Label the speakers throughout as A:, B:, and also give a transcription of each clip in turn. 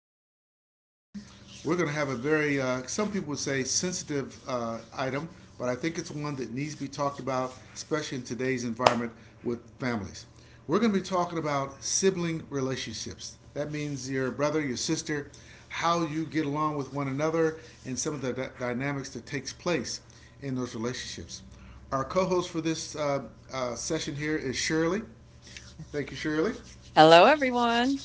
A: today's edition, we're going to have a very, some people would say sensitive item, but I think it's one that needs to be talked about, especially in today's environment with families. We're going to be talking about sibling relationships. That means your brother, your sister, how you get along with one another, and some of the dynamics that takes place in those relationships. Our co-host for this session here is Shirley. Thank you, Shirley.
B: Hello, everyone.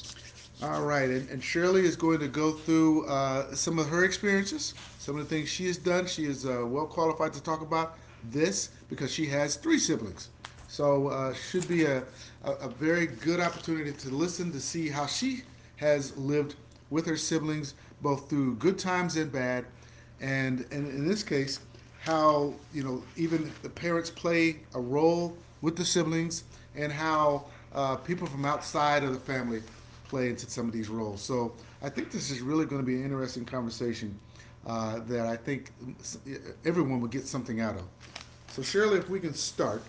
A: All right, and Shirley is going to go through some of her experiences, some of the things she has done. She is well qualified to talk about this because she has three siblings. So should be a very good opportunity to listen to see how she has lived with her siblings, both through good times and bad, and in this case, how you know even the parents play a role with the siblings, and how people from outside of the family play into some of these roles. So I think this is really going to be an interesting conversation that I think uh, everyone would get something out of. So Shirley, if we can start,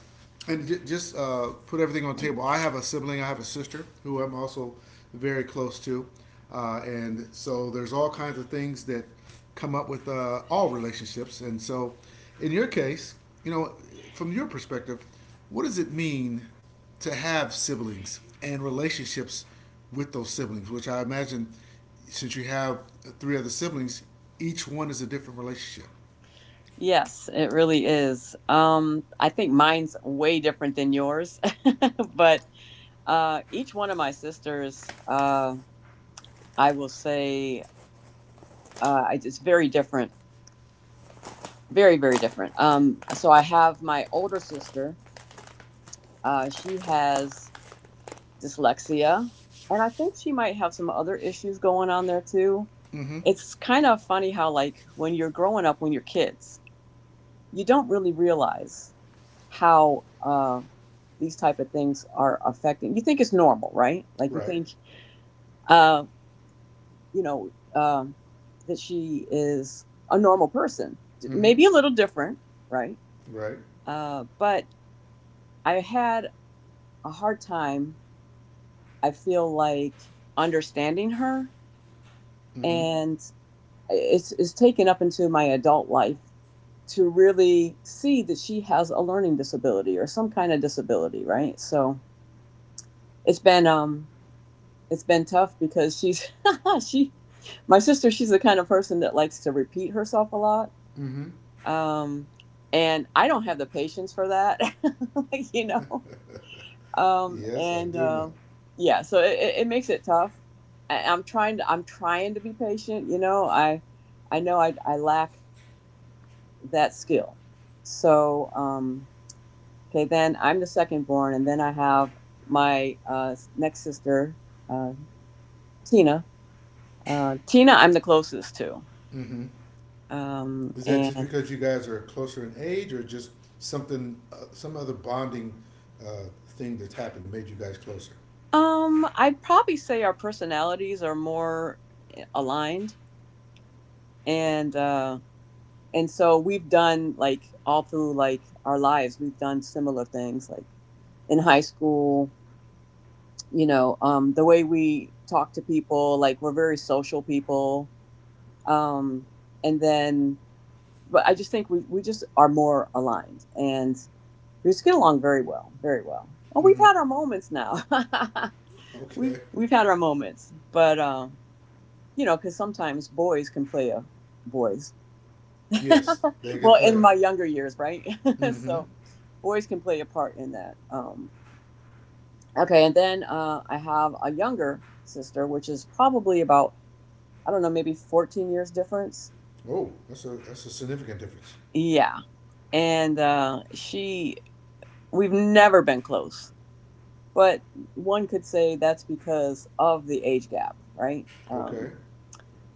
A: and just put everything on the table. I have a sibling. I have a sister who I'm also very close to, and so there's all kinds of things that come up with all relationships. And so, in your case, you know, from your perspective, what does it mean to have siblings and relationships with those siblings? Which I imagine, since you have three other siblings, each one is a different relationship.
B: Yes, it really is. I think mine's way different than yours, but each one of my sisters, I will say, it's very different, very, very different. So I have my older sister. She has dyslexia, and I think she might have some other issues going on there too. It's kind of funny how, like, when you're growing up, when you're kids, you don't really realize how these type of things are affecting. You think it's normal, right? Like you
A: Right.
B: think, uh, you know, That she is a normal person,
A: Mm-hmm.
B: maybe a little different, right?
A: Right.
B: But I had a hard time. I feel like understanding her,
A: Mm-hmm.
B: and it's taken up into my adult life to really see that she has a learning disability or some kind of disability, right? So it's been it's been tough because she's she my sister, she's the kind of person that likes to repeat herself a lot,
A: Mm-hmm.
B: um and I don't have the patience for that. you know
A: Yes, I
B: and
A: do know.
B: Yeah, so it makes it tough. I'm trying to be patient, you know, I know I lack that skill. So, okay, then I'm the second born, and then I have my next sister, uh Tina. Tina, I'm the closest to.
A: Mm-hmm. Is that just
B: And
A: because you guys are closer in age, or just something, some other bonding thing that's happened that made you guys closer?
B: I'd probably say our personalities are more aligned, and uh, and so we've done, like, all through, like, our lives, we've done similar things, like in high school. You know, the way we talk to people, like, we're very social people. Um, and then, but I just think we just are more aligned, and we just get along very well, very well. Oh, we've
A: Mm-hmm.
B: had our moments now. we've
A: Okay.
B: we've had our moments, but you know, because sometimes boys can play a boys.
A: Yes, they can
B: Well, in
A: play.
B: my younger years, right?
A: Mm-hmm.
B: So, boys can play a part in that. Okay, and then I have a younger sister, which is probably about, I don't know, maybe 14 years difference.
A: Oh, that's a significant difference.
B: Yeah, and she, we've never been close. But one could say that's because of the age gap, right?
A: Okay.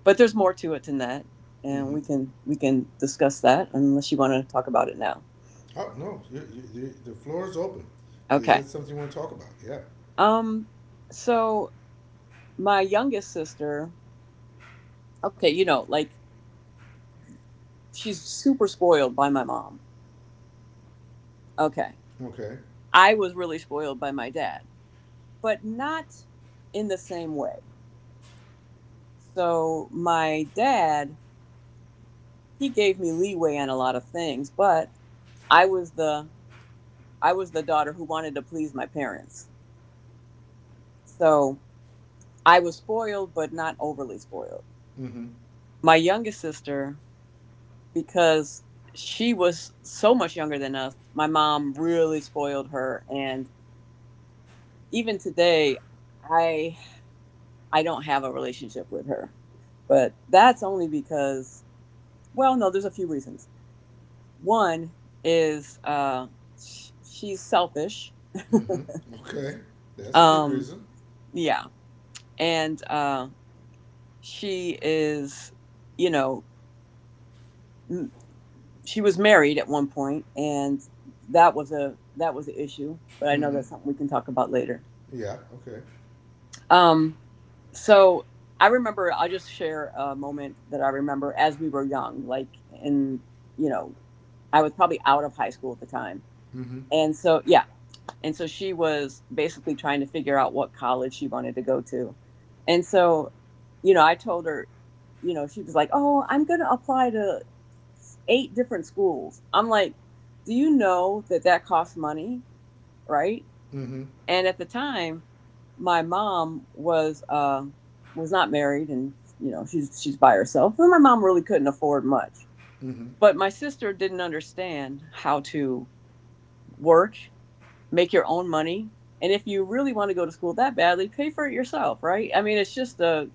B: But there's more to it than that, and
A: Mm-hmm.
B: we can discuss that unless you want to talk about it now.
A: Oh no, you, the floor is open. Is that
B: Okay.
A: something you want to talk about? Yeah.
B: Um. So my youngest sister, okay, you know, like, she's super spoiled by my mom. Okay.
A: Okay.
B: I was really spoiled by my dad, but not in the same way. So my dad, he gave me leeway on a lot of things, but I was the I was the daughter who wanted to please my parents. So I was spoiled, but not overly spoiled.
A: Mm-hmm.
B: My youngest sister, because she was so much younger than us, my mom really spoiled her. And even today, I I don't have a relationship with her. But that's only because, well, no, there's a few reasons. One is she's selfish.
A: Mm-hmm. Okay. That's a good
B: Um,
A: reason.
B: yeah, and she is, you know, she was married at one point, and that was an issue, but I know
A: Mm-hmm.
B: that's something we can talk about later.
A: Yeah. Okay.
B: um so I remember, I'll just share a moment that I remember as we were young, like, in you know I was probably out of high school at the time,
A: Mm-hmm.
B: and so, yeah. And so she was basically trying to figure out what college she wanted to go to. And so, you know, I told her, you know, she was like, oh, I'm going to apply to eight different schools. I'm like, do you know that that costs money? Right.
A: Mm-hmm.
B: And at the time, my mom was not married, and you know, she's by herself, and my mom really couldn't afford much.
A: Mm-hmm.
B: But my sister didn't understand how to work, make your own money. And if you really want to go to school that badly, pay for it yourself, right? I mean, it's just a,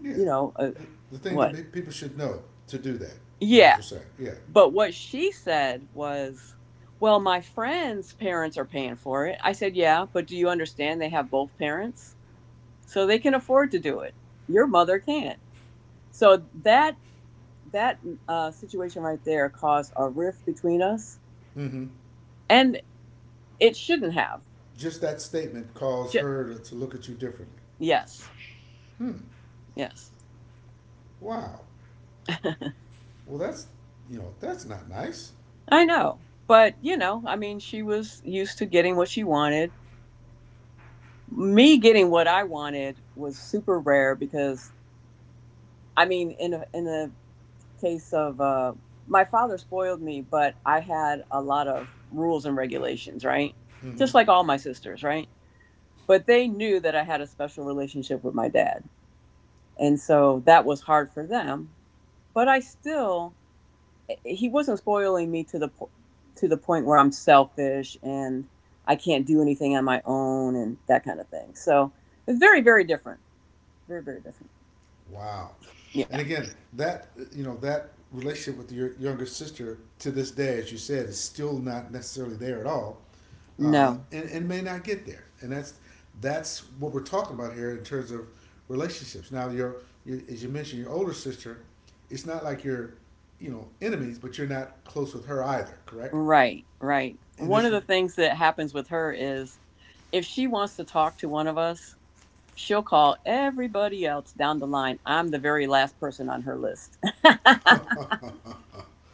A: Yeah.
B: you know, a,
A: The, the thing
B: what?
A: that people should know to do that is what
B: Yeah.
A: you're saying. Yeah.
B: But what she said was, well, my friend's parents are paying for it. I said, yeah, but do you understand they have both parents? So they can afford to do it. Your mother can't. So that situation right there caused a rift between us,
A: Mm-hmm.
B: and it shouldn't have.
A: Just that statement caused
B: Ju-
A: her to look at you differently.
B: yes,
A: Hmm.
B: yes.
A: Wow. Well, that's you know that's not nice.
B: I know. But, you know, I mean, she was used to getting what she wanted. Me getting what I wanted was super rare because, I mean, in the case of my father spoiled me, but I had a lot of rules and regulations, right?
A: Mm-hmm.
B: Just like all my sisters, right? But they knew that I had a special relationship with my dad. And so that was hard for them, but I still, he wasn't spoiling me to the to the point where I'm selfish and I can't do anything on my own and that kind of thing. So it's very, very different. Very, very different.
A: Wow.
B: Yeah.
A: And again, that you know that relationship with your younger sister to this day, as you said, is still not necessarily there at all,
B: No.
A: and may not get there. And that's what we're talking about here in terms of relationships. Now, your as you mentioned, your older sister, it's not like you're you know enemies, but you're not close with her either, correct?
B: Right. Right.
A: And
B: One
A: if
B: of the things that happens with her is, if she wants to talk to one of us, she'll call everybody else down the line. I'm the very last person on her list.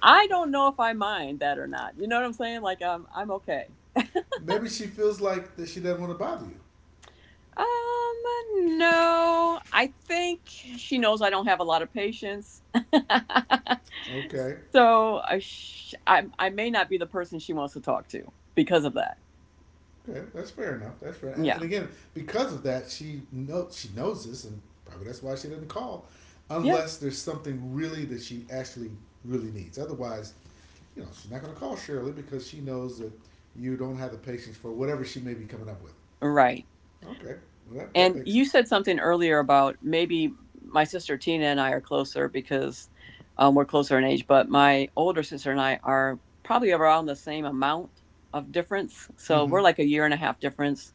B: I don't know if I mind that or not. You know what I'm saying? Like, I'm okay.
A: maybe she feels like that she doesn't want to bother you,
B: Um, no, I think she knows I don't have a lot of patience.
A: okay,
B: So I may not be the person she wants to talk to because of that.
A: okay, that's fair enough. That's fair. And,
B: Yeah.
A: and again, because of that, she know she knows this, and probably that's why she didn't call,
B: Yeah.
A: unless there's something really that she actually really needs. Otherwise, you know, she's not going to call Shirley because she knows that you don't have the patience for whatever she may be coming up with.
B: Right.
A: Okay, well, that
B: And
A: makes it.
B: you said something earlier about, maybe my sister Tina and I are closer because we're closer in age, but my older sister and I are probably around the same amount of difference. So we're
A: Mm-hmm.
B: like a year and a half difference,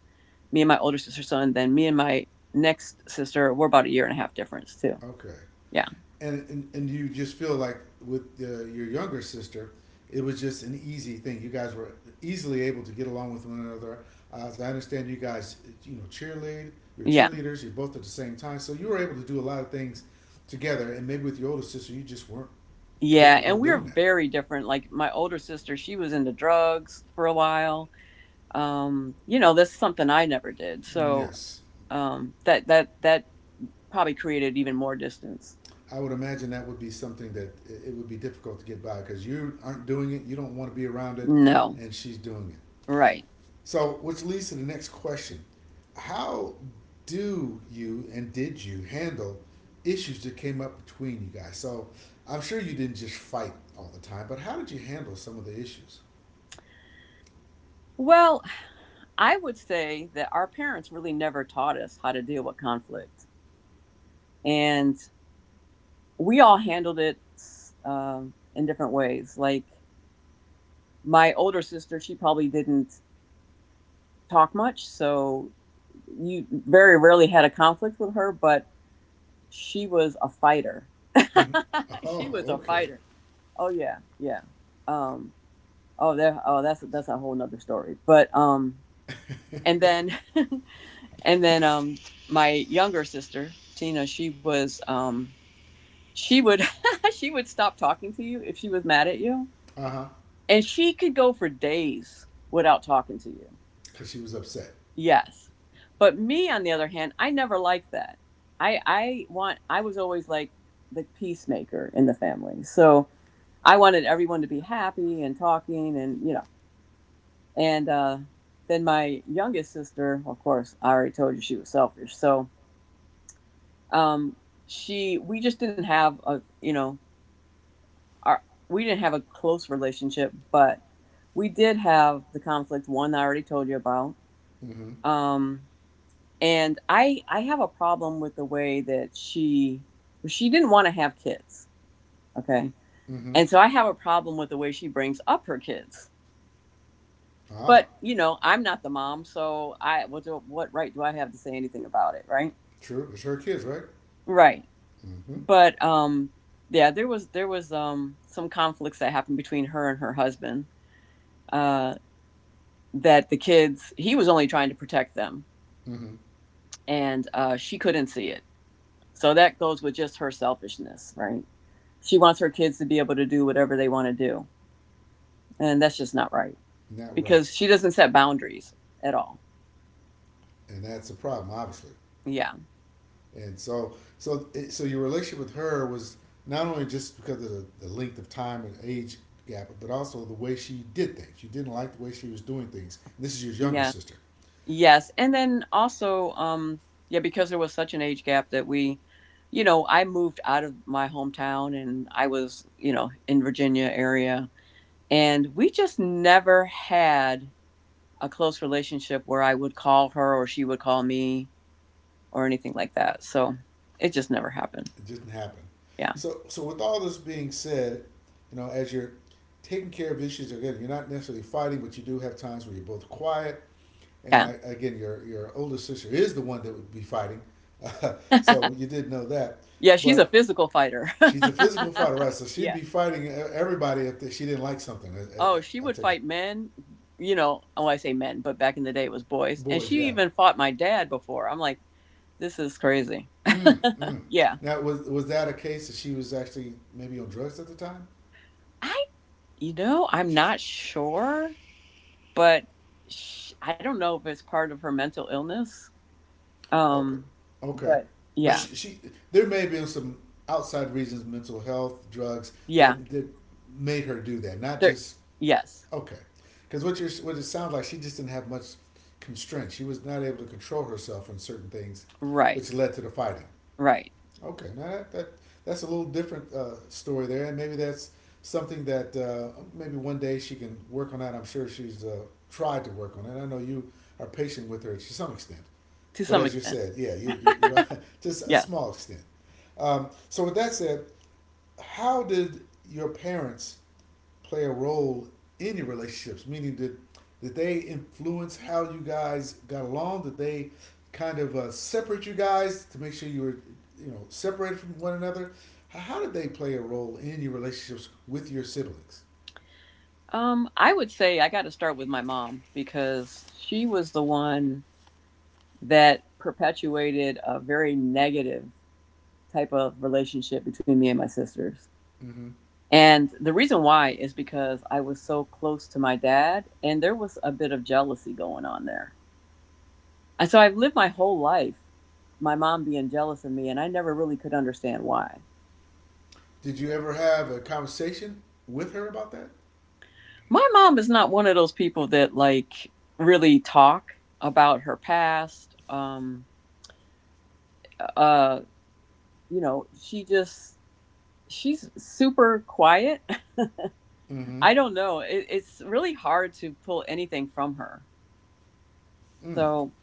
B: me and my older sister's son. Then me and my next sister, we're about a year and a half difference too.
A: Okay.
B: Yeah.
A: And you just feel like with the, your younger sister, it was just an easy thing. You guys were easily able to get along with one another. As I understand, you guys, you know, cheerlead. You're
B: Yeah.
A: cheerleaders. You're both at the same time, so you were able to do a lot of things together. And maybe with your older sister, you just weren't
B: Yeah.
A: capable
B: And
A: of
B: we're
A: doing that.
B: very different. Like, my older sister, she was into drugs for a while. You know, that's something I never did. So
A: Yes,
B: that probably created even more distance.
A: I would imagine that would be something that it would be difficult to get by because you aren't doing it. You don't want to be around it,
B: No.
A: and she's doing it.
B: Right.
A: So, which leads to the next question: How do you and did you handle issues that came up between you guys? So, I'm sure you didn't just fight all the time, but how did you handle some of the issues?
B: Well, I would say that our parents really never taught us how to deal with conflict, and we all handled it in different ways. Like, my older sister, she probably didn't talk much, so you very rarely had a conflict with her, but she was a fighter.
A: Mhm.
B: She was a
A: Oh, okay.
B: fighter. Oh yeah, yeah. Um oh, there oh that's a whole nother story. But and then and then my younger sister, Tina, she was, she would she would stop talking to you if she was mad at you.
A: Uh huh.
B: And she could go for days without talking to you.
A: Because she was upset.
B: Yes. But me, on the other hand, I never liked that. I was always, like, the peacemaker in the family. So I wanted everyone to be happy and talking, and you know. And then my youngest sister, of course, I already told you, she was selfish. So um she we just didn't have a, you know, our we didn't have a close relationship, but we did have the conflict one I already told you about.
A: Mm-hmm.
B: Um and I have a problem with the way that she, well, she didn't want to have kids, okay,
A: Mm-hmm.
B: and so I have a problem with the way she brings up her kids.
A: Ah,
B: But you know, I'm not the mom, so what right do I have to say anything about it, right?
A: true. It's her kids, right?
B: Right.
A: Mm-hmm.
B: But yeah, there was some conflicts that happened between her and her husband, uh that the kids, he was only trying to protect them,
A: Mm-hmm.
B: and she couldn't see it. So that goes with just her selfishness, right? She wants her kids to be able to do whatever they want to do. And that's just not right,
A: Not right,
B: because she doesn't set boundaries at all.
A: and that's a problem, obviously.
B: Yeah.
A: And so your relationship with her was not only just because of the length of time and age gap, but also the way she did things. You didn't like the way she was doing things. And this is your younger
B: Yeah.
A: sister.
B: Yes. And then also, yeah, because there was such an age gap that we, you know, I moved out of my hometown, and I was, you know, in Virginia area. And we just never had a close relationship where I would call her or she would call me or anything like that. So it just never happened.
A: It didn't happen.
B: Yeah.
A: So so with all this being said, you know, as you're taking care of issues again, you're not necessarily fighting, but you do have times where you're both quiet. And
B: Yeah.
A: I, again, your older sister is the one that would be fighting, Uh, so you did know that.
B: Yeah. She's a
A: But
B: physical fighter.
A: she's a physical fighter, right? So she'd
B: Yeah.
A: be fighting everybody if she didn't like something.
B: Oh, she
A: I
B: would
A: take it.
B: fight men, you know, oh, I say men, but back in the day it was boys. And
A: Boys,
B: she
A: yeah.
B: even fought my dad before. I'm like, this is crazy.
A: Mm, mm.
B: Yeah.
A: Now, was that a case that she was actually maybe on drugs at the time?
B: I, you know, I'm not sure, but sh I don't know if it's part of her mental illness.
A: Okay,
B: Um,
A: okay.
B: but
A: But
B: yeah.
A: she there may have been some outside reasons, mental health, drugs
B: Yeah.
A: that that made her do that. Not
B: There,
A: just
B: yes.
A: okay, because what you're what it sounds like she just didn't have much constraint. She was not able to control herself on certain things,
B: Right.
A: which led to the fighting.
B: Right.
A: Okay, now that, that that's a little different story there, and maybe that's something that maybe one day she can work on that. I'm sure she's tried to work on it. I know you are patient with her to some extent,
B: To
A: but
B: some
A: as you
B: extent.
A: said, yeah, you know, just a
B: Yes.
A: small extent. So with that said, how did your parents play a role in your relationships? Meaning, did they influence how you guys got along? Did they kind of separate you guys to make sure you were, you know, separated from one another? How, did they play a role in your relationships with your siblings?
B: I would say I got to start with my mom because she was the one that perpetuated a very negative type of relationship between me and my sisters.
A: Mm-hmm.
B: And the reason why is because I was so close to my dad and there was a bit of jealousy going on there. And so I've lived my whole life my mom being jealous of me and I never really could understand why.
A: Did you ever have a conversation with her about that?
B: My mom is not one of those people that like really talk about her past. Uh she just she's super quiet.
A: Mm-hmm.
B: I don't know. It's really hard to pull anything from her.
A: Mm.
B: So,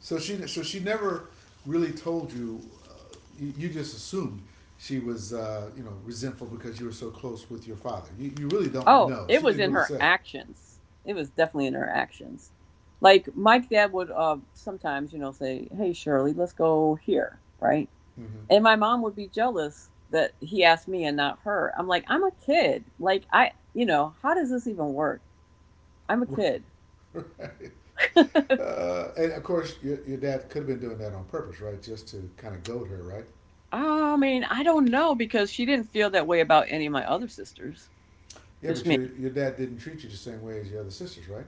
A: So she never really told you. You, you just assumed she was you know resentful because you were so close with your father. You really don't
B: oh,
A: know.
B: it
A: She
B: was
A: didn't
B: in
A: really
B: her
A: say.
B: actions. It was definitely in her actions. Like my dad would sometimes, you know, say, "Hey Shirley, let's go here," right?
A: Mm-hmm.
B: And my mom would be jealous that he asked me and not her. I'm like, I'm a kid. Like I, you know, how does this even work? I'm a kid.
A: Right. And of course, your dad could have been doing that on purpose, right? Just to kind of goad her, right?
B: I mean, I don't know because she didn't feel that way about any of my other sisters.
A: Yeah,
B: Just
A: but
B: me.
A: your dad didn't treat you the same way as your other sisters, right?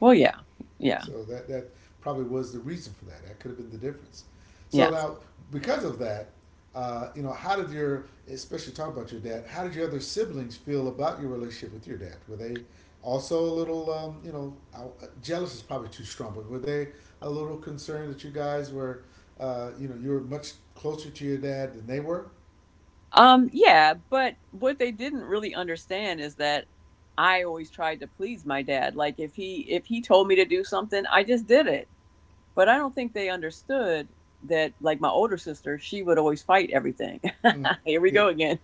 B: Well, yeah, yeah,
A: So that probably was the reason for that. That could have been the difference. So
B: yes.
A: now, because of that, you know, how did your, especially talk about your dad, how did your other siblings feel about your relationship with your dad? Were they also a little, you know, jealous is probably too strong, but were they a little concerned that you guys were, you know, you were much closer to your dad than they were?
B: Yeah, but what they didn't really understand is that I always tried to please my dad. Like if he told me to do something, I just did it. But I don't think they understood that like my older sister, she would always fight everything.
A: Mm,
B: Here we
A: good.
B: go again.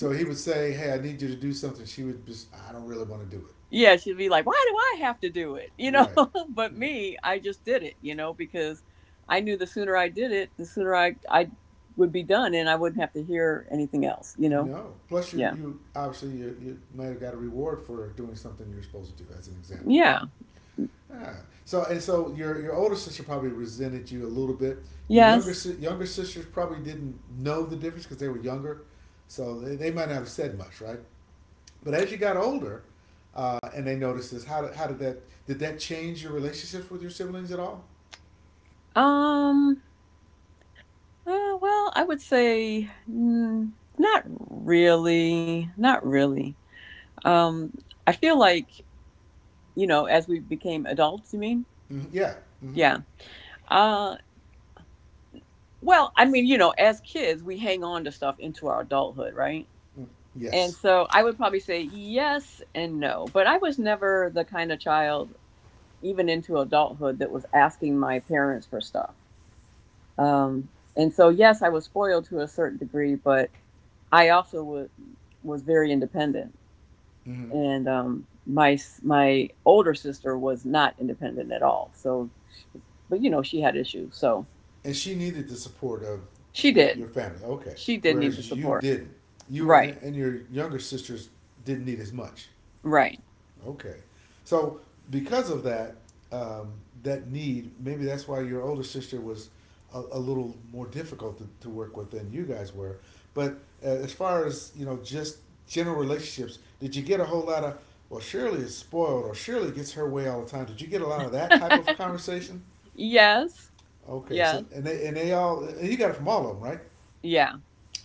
A: he would say, hey, I need you to do something. She would just, I don't really want to do it.
B: yeah, she'd be like, "Why do I have to do it?" You know,
A: Right.
B: but me, I just did it, you know, because I knew the sooner I did it, the sooner I would be done and I wouldn't have to hear anything else,
A: No. Plus, you,
B: Yeah.
A: you obviously you might have got a reward for doing something you're supposed to do, as an example.
B: Yeah.
A: Ah. So and so your older sister probably resented you a little bit. Your younger
B: Yes.
A: sisters probably didn't know the difference because they were younger, so they might not have said much, right? But as you got older, and they noticed this, how did that change your relationships with your siblings at all?
B: Um well, I would say not really, not really. Um I feel like, you know, as we became adults, you mean?
A: Mhm. Yeah. Mm-hmm.
B: Yeah. Uh well, I mean, you know, as kids, we hang on to stuff into our adulthood, right?
A: Mm-hmm.
B: And
A: Yes.
B: so I would probably say yes and no. But I was never the kind of child, even into adulthood, that was asking my parents for stuff. Um, and so, yes, I was spoiled to a certain degree, but I also was very independent.
A: Mm-hmm.
B: And my my older sister was not independent at all. So, but you know, she had issues. So
A: And she needed the support of
B: she
A: your
B: did.
A: family. Okay,
B: She did need the
A: whereas you
B: support.
A: didn't. You
B: Right.
A: and your younger sisters didn't need as much.
B: Right.
A: Okay, so because of that, um, that need, maybe that's why your older sister was a little more difficult to work with than you guys were. But as far as you know, just general relationships, did you get a whole lot of? Well, Shirley is spoiled, or Shirley gets her way all the time. Did you get a lot of that type of conversation?
B: yes.
A: Okay, so
B: Yes.
A: and they all and you got it from all of them, right?
B: Yeah.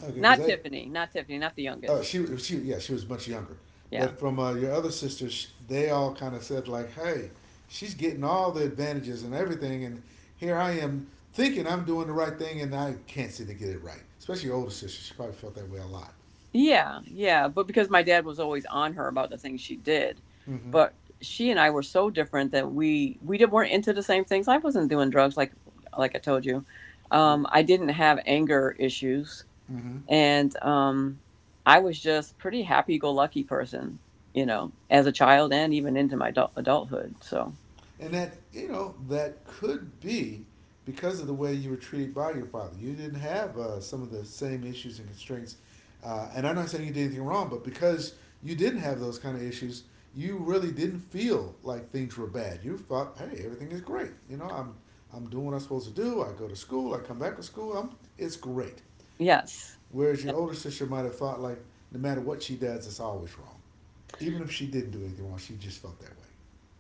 A: Okay, because
B: Not
A: they,
B: Tiffany, not Tiffany, not the youngest.
A: she yeah she was much younger,
B: Yeah.
A: but from your other sisters, they all kind of said like, hey, she's getting all the advantages and everything, and here I am thinking I'm doing the right thing, and I can't seem to get it right. Especially your older sister, she probably felt that way a lot.
B: Yeah, yeah. But because my dad was always on her about the things she did.
A: Mm-hmm.
B: But she and I were so different that weren't into the same things. I wasn't doing drugs like I told you. I didn't have anger issues
A: Mm-hmm.
B: and I was just pretty happy go lucky person, you know, as a child and even into my adulthood. So,
A: And, that, that could be because of the way you were treated by your father. You didn't have some of the same issues and constraints. And I'm not saying you did anything wrong, but because you didn't have those kind of issues, you really didn't feel like things were bad. You thought, hey, everything is great. You know, I'm doing what I'm supposed to do. I go to school. I come back to school. I'm It's great.
B: yes.
A: Whereas your older sister might have thought like, no matter what she does, it's always wrong. Even if she didn't do anything wrong, she just felt that way.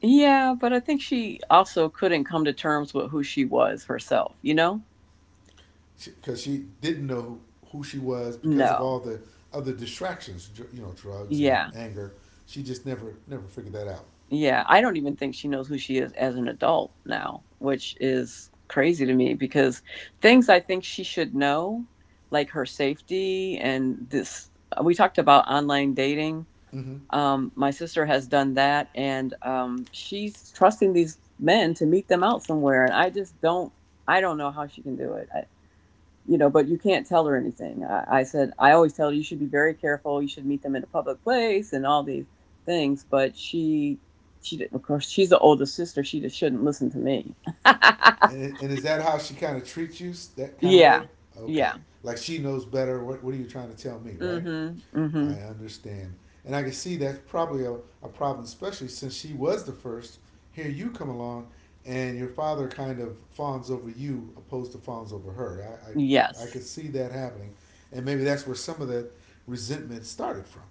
B: Yeah, but I think she also couldn't come to terms with who she was herself, you know?
A: Because she didn't know who she was because of
B: No.
A: all the other distractions, you know, drugs and
B: Yeah.
A: anger. She just never figured that out.
B: Yeah. I don't even think she knows who she is as an adult now, which is crazy to me because things I think she should know, like her safety and this, we talked about online dating.
A: Mm-hmm.
B: My sister has done that and she's trusting these men to meet them out somewhere. And I just don't, I don't know how she can do it. I, you know, but you can't tell her anything. I said, I always tell her you should be very careful. You should meet them in a public place and all these things. But she did, not of course, she's the oldest sister. She just shouldn't listen to me.
A: And is that how she kind of treats you, that kind of way?
B: yeah.
A: Okay,
B: Yeah.
A: like she knows better. What are you trying to tell me, right?
B: Mm-hmm.
A: I
B: Mm-hmm.
A: understand. And I can see that's probably a problem, especially since she was the first. Here you come along, and your father kind of fawns over you opposed to fawns over her. I could
B: Yes.
A: see that happening. And maybe that's where some of that resentment started from.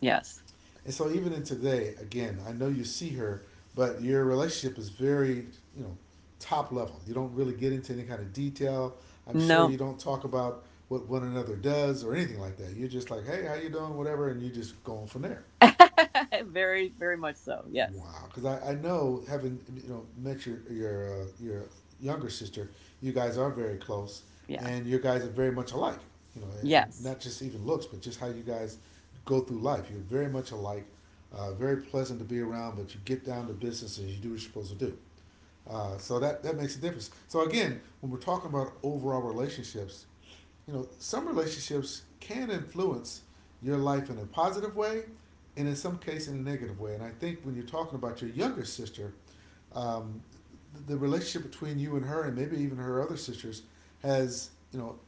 B: Yes.
A: And so even in today, again, I know you see her, but your relationship is very, you know, top level. You don't really get into any kind of detail. I'm sure
B: No.
A: you don't talk about what one another does or anything like that. You're just like, hey, how you doing, whatever, and you just go on from there.
B: very, very much so. Yes.
A: Wow, because I know having, you know, met your younger sister, you guys are very close,
B: Yeah.
A: and your guys are very much alike. You know, and,
B: Yes.
A: not just even looks, but just how you guys go through life. You're very much alike, very pleasant to be around. But you get down to business and you do what you're supposed to do. So that makes a difference. So again, when we're talking about overall relationships, you know, some relationships can influence your life in a positive way and in some case in a negative way. And I think when you're talking about your younger sister, um, the relationship between you and her and maybe even her other sisters has, you know,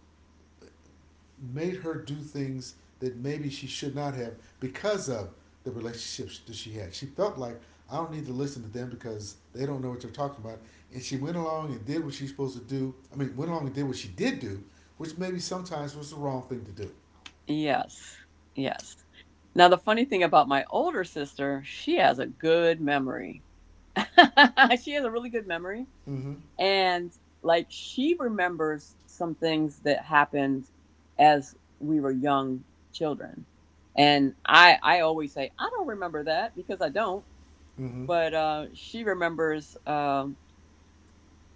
A: made her do things that maybe she should not have because of the relationships that she had. She felt like I don't need to listen to them because they don't know what they're talking about. And she went along and did what she's supposed to do. I mean, went along and did what she did do, which maybe sometimes was the wrong thing to do.
B: Yes. Yes. Now, the funny thing about my older sister, she has a good memory. she has a really good memory
A: Mm-hmm.
B: and like she remembers some things that happened as we were young children and I always say I don't remember that because I don't
A: Mm-hmm.
B: but she remembers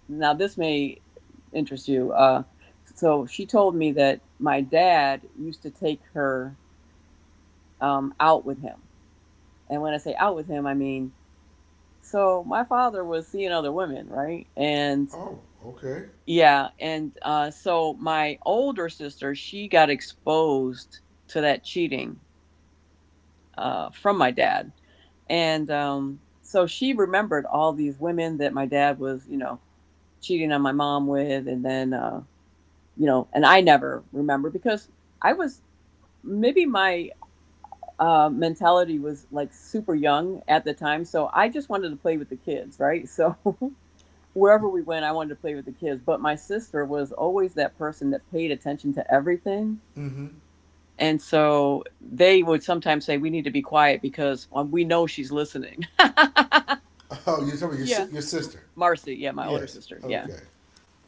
B: now this may interest you so she told me that my dad used to take her out with him and when I say out with him I mean so my father was seeing other women right and
A: Oh, okay.
B: Yeah, and so my older sister, she got exposed to that cheating from my dad, and so she remembered all these women that my dad was, you know, cheating on my mom with, and then you know, and I never remember because I was maybe my mentality was like super young at the time, so I just wanted to play with the kids, right? So wherever we went, I wanted to play with the kids. But my sister was always that person that paid attention to everything.
A: Mm-hmm.
B: And so they would sometimes say, we need to be quiet because we know she's listening.
A: Oh, you're talking about your
B: yeah.
A: your sister.
B: Marcy. Yeah. My older
A: Yes.
B: sister. Yeah.
A: Okay.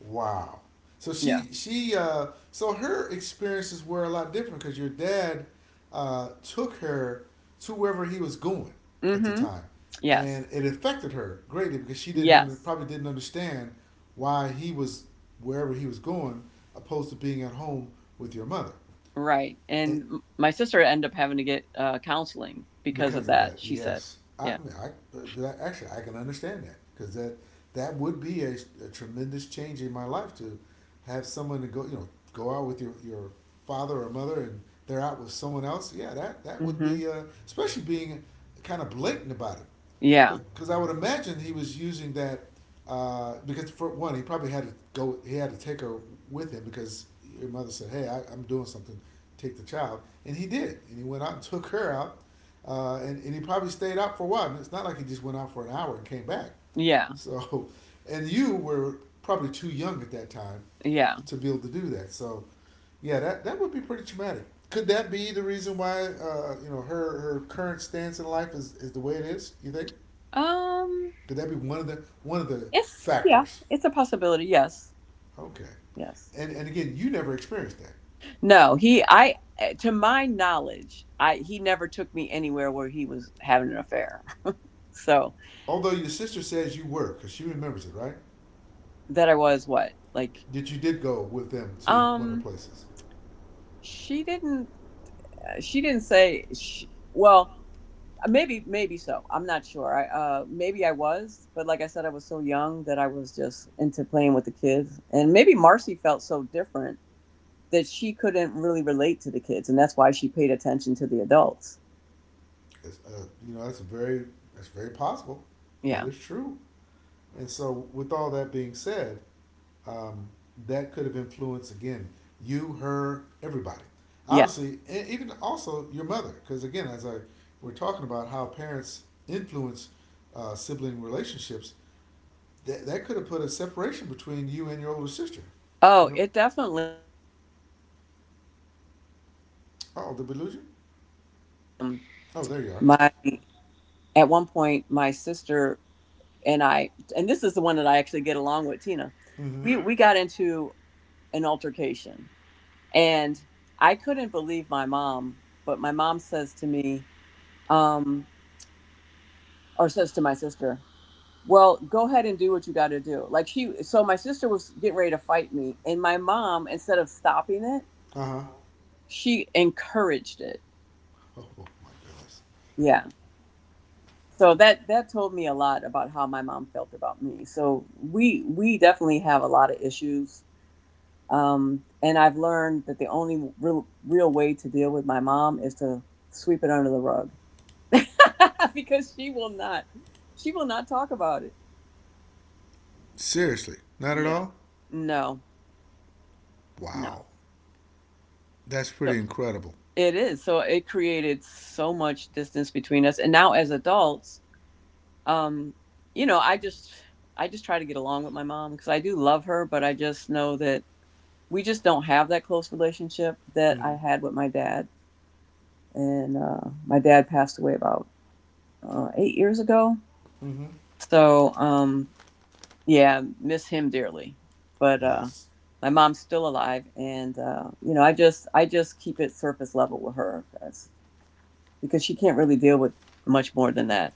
A: Wow. So
B: Yeah.
A: she so her experiences were a lot different because your dad took her to wherever he was going
B: Mm
A: at the
B: hmm.
A: time,
B: Yes.
A: and it affected her greatly because she didn't under,
B: Yes.
A: probably didn't understand why he was wherever he was going opposed to being at home with your mother,
B: Right.
A: and
B: And my sister ended up having to get counseling because of
A: because of that.
B: that, she said.
A: Yes, I
B: Yeah.
A: mean, I actually I can understand that because that would be a tremendous change in my life to have someone to go, you know, go out with your father or mother and they're out with someone else. Yeah, that
B: Mm
A: would
B: hmm.
A: be especially being kind of blatant about it
B: Yeah.
A: because I would imagine he was using that because for one he probably had to go he had to take her with him because your mother said hey I'm doing something, take the child, and he did and he went out and took her out, and he probably stayed out for a while. And it's not like he just went out for an hour and came back.
B: Yeah.
A: So, and you were probably too young at that time
B: Yeah.
A: to be able to do that. So, yeah, that, that would be pretty traumatic. Could that be the reason why, you know, her current stance in life is the way it is, you think?
B: Um,
A: Could that be one of the
B: it's, yeah,
A: factors?
B: it's a possibility. Yes.
A: Okay.
B: Yes.
A: And again, you never experienced that.
B: No, to my knowledge, I he never took me anywhere where he was having an affair. So
A: Although your sister says you were, because she remembers it, right?
B: that I was what? Like
A: That you did go with them to one of the
B: um
A: places.
B: she didn't she didn't say she, well, maybe so. I'm not sure. I maybe I was, but like I said I was so young that I was just into playing with the kids. And maybe Marcy felt so different that she couldn't really relate to the kids and that's why she paid attention to the adults.
A: It's, you know, that's very, that's very possible. That
B: Yeah.
A: is true. And so, with all that being said, um, that could have influenced again you, her, everybody.
B: Yeah.
A: Obviously, and even also your mother, because again, as I we're talking about how parents influence sibling relationships, that that could have put a separation between you and your older sister. You
B: Oh,
A: know,
B: it definitely.
A: oh, did we lose you? Oh, there you are.
B: My at one point my sister and I and this is the one that I actually get along with, Tina,
A: Mm-hmm.
B: we got into an altercation and I couldn't believe my mom but my mom says to me um or says to my sister, well, go ahead and do what you got to do, like she so my sister was getting ready to fight me and my mom instead of stopping it
A: Uh huh.
B: she encouraged it
A: Oh, oh my goodness.
B: yeah so that told me a lot about how my mom felt about me so we definitely have a lot of issues and I've learned that the only real way to deal with my mom is to sweep it under the rug because she will not talk about it
A: Seriously, not at
B: yeah
A: all.
B: no no
A: Wow. That's
B: so
A: pretty incredible.
B: it is so it created so much distance between us and now as adults um you know I just try to get along with my mom because I do love her but I just know that we just don't have that close relationship that I
A: Mm-hmm.
B: had with my dad. And my dad passed away about 8 years ago.
A: Mm-hmm.
B: So, yeah, miss him dearly. But
A: Yes,
B: my mom's still alive, and you know, I just keep it surface level with her because she can't really deal with much more than that.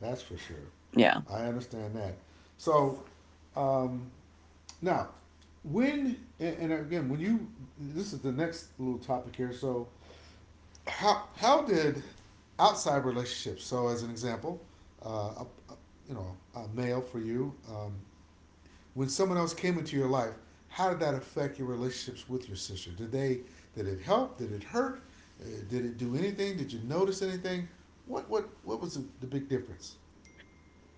A: that's for sure.
B: Yeah.
A: I understand that. So, um, now, when and again, when you, this is the next little topic here. So, how did outside relationships? So, as an example, uh, a, a, you know, a male for you, when someone else came into your life, how did that affect your relationships with your sister? Did they did it help? Did it hurt? Did it do anything? Did you notice anything? What was the big difference?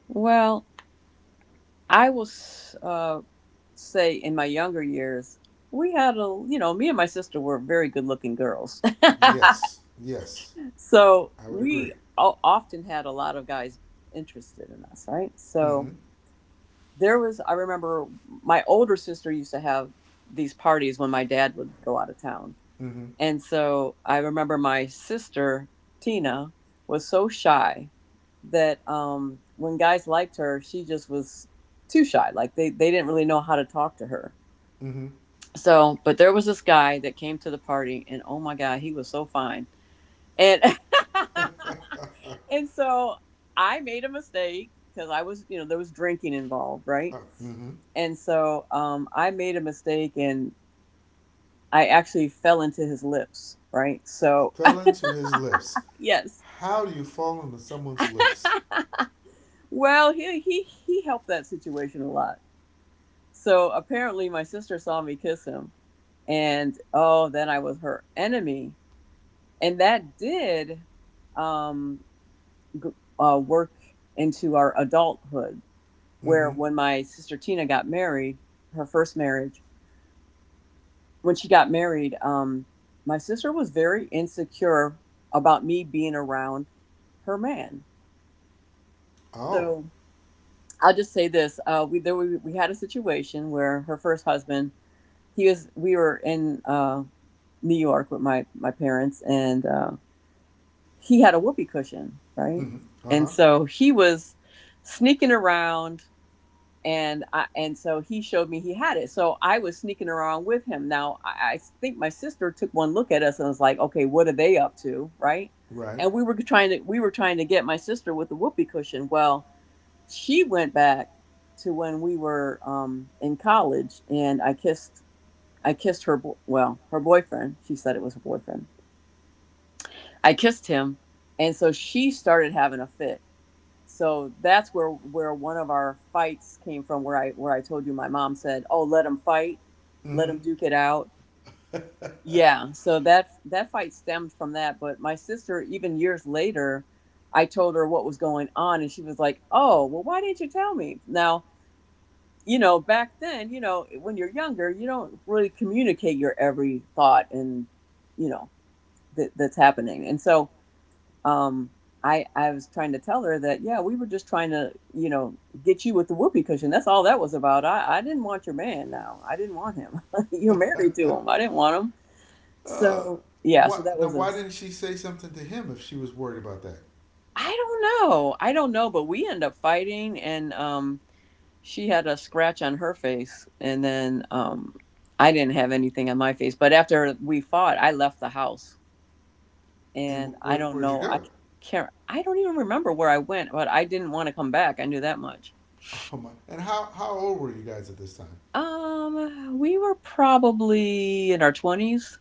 B: Well, I will uh, say in my younger years, we had a you know, me and my sister were very good looking girls.
A: Yes, yes,
B: so
A: I would agree.
B: we often had a lot of guys interested in us right
A: Mm-hmm.
B: so there was I remember my older sister used to have these parties when my dad would go out of town
A: Mm-hmm.
B: and so I remember my sister Tina was so shy that when guys liked her she just was too shy like they didn't really know how to talk to her so but there was this guy that came to the party and oh my god he was so fine and
A: Mm-hmm. uh,
B: and so I made a mistake because I was, you know, there was drinking involved, right?
A: mm-hmm.
B: And so I made a mistake and I actually fell into his lips, right? So
A: Fell into his lips.
B: yes,
A: How do you fall into someone's lips?
B: well, he helped that situation a lot. So apparently, my sister saw me kiss him, and oh, then I was her enemy, and that did um, g- work into our adulthood where
A: Mm-hmm.
B: when my sister Tina got married, her first marriage, when she got married, my sister was very insecure about me being around her man.
A: Oh.
B: So I'll just say this: we had a situation where her first husband, he was we were in New York with my my parents, and he had a whoopee cushion, right?
A: Mm-hmm.
B: And
A: Uh-huh.
B: so he was sneaking around and so he showed me he had it. So I was sneaking around with him. Now I think my sister took one look at us and was like, "Okay, what are they up to?" Right?
A: Right.
B: And we were trying to get my sister with the whoopee cushion. Well, she went back to when we were in college, and I kissed her bo- well her boyfriend. She said it was her boyfriend. I kissed him, and so she started having a fit, so that's where one of our fights came from. Where I told you my mom said, "Oh, let them fight, let
A: Mm-hmm.
B: them duke it out." Yeah. So that fight stemmed from that. But my sister, even years later, I told her what was going on, and she was like, "Oh, well, why didn't you tell me?" Now you know, back then, you know, when you're younger, you don't really communicate your every thought and you know that that's happening, and so um I was trying to tell her that, yeah, we were just trying to get you with the whoopee cushion. That's all that was about. I didn't want your man. Now, I didn't want him. You're married to him. I didn't want him.
A: Uh,
B: So, yeah, so that
A: what now?
B: was a
A: Why didn't she say something to him if she was worried about that?
B: I don't know I don't know, but we end up fighting, and she had a scratch on her face, and then I didn't have anything on my face, but after we fought I left the house.
A: And
B: And I don't
A: where'd you
B: know, I
A: go?
B: can't I don't even remember where I went, but I didn't want to come back. I knew that much.
A: Oh my! And how old were you guys at this time?
B: We were probably in our 20s.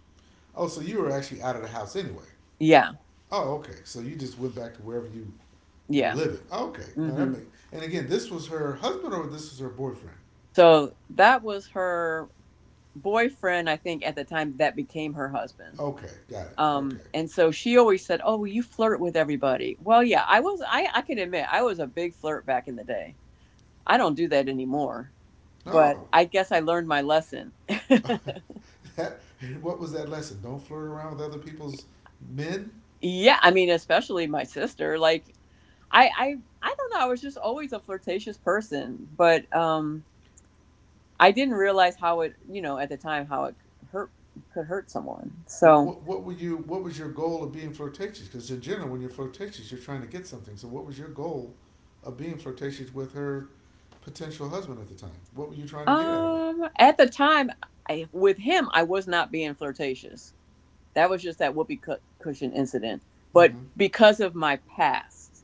A: Oh, so you were actually out of the house anyway.
B: Yeah.
A: Oh, okay. So you just went back to wherever you were
B: Yeah.
A: living. Okay. Now that
B: Mhm.
A: makes. And again, this was her husband or this was her boyfriend?
B: So that was her boyfriend, I think at the time that became her husband.
A: Okay, got it. Okay.
B: And so she always said, "Oh, well, you flirt with everybody." Well, yeah, I was I can admit I was a big flirt back in the day. I don't do that anymore. But
A: No.
B: I guess I learned my lesson.
A: that what was that lesson? Don't flirt around with other people's men.
B: Yeah, I mean, especially my sister. Like, I, I, I don't know. I was just always a flirtatious person, but I didn't realize how it, you know, at the time how hurt could hurt someone.
A: Well,
B: So,
A: what were you? What was your goal of being flirtatious? Because in general, when you're flirtatious, you're trying to get something. So, what was your goal of being flirtatious with her potential husband at the time? What were you trying to get out of it?
B: at the time, I, with him, I was not being flirtatious. That was just that cushion incident. But
A: Mm-hmm.
B: because of my past,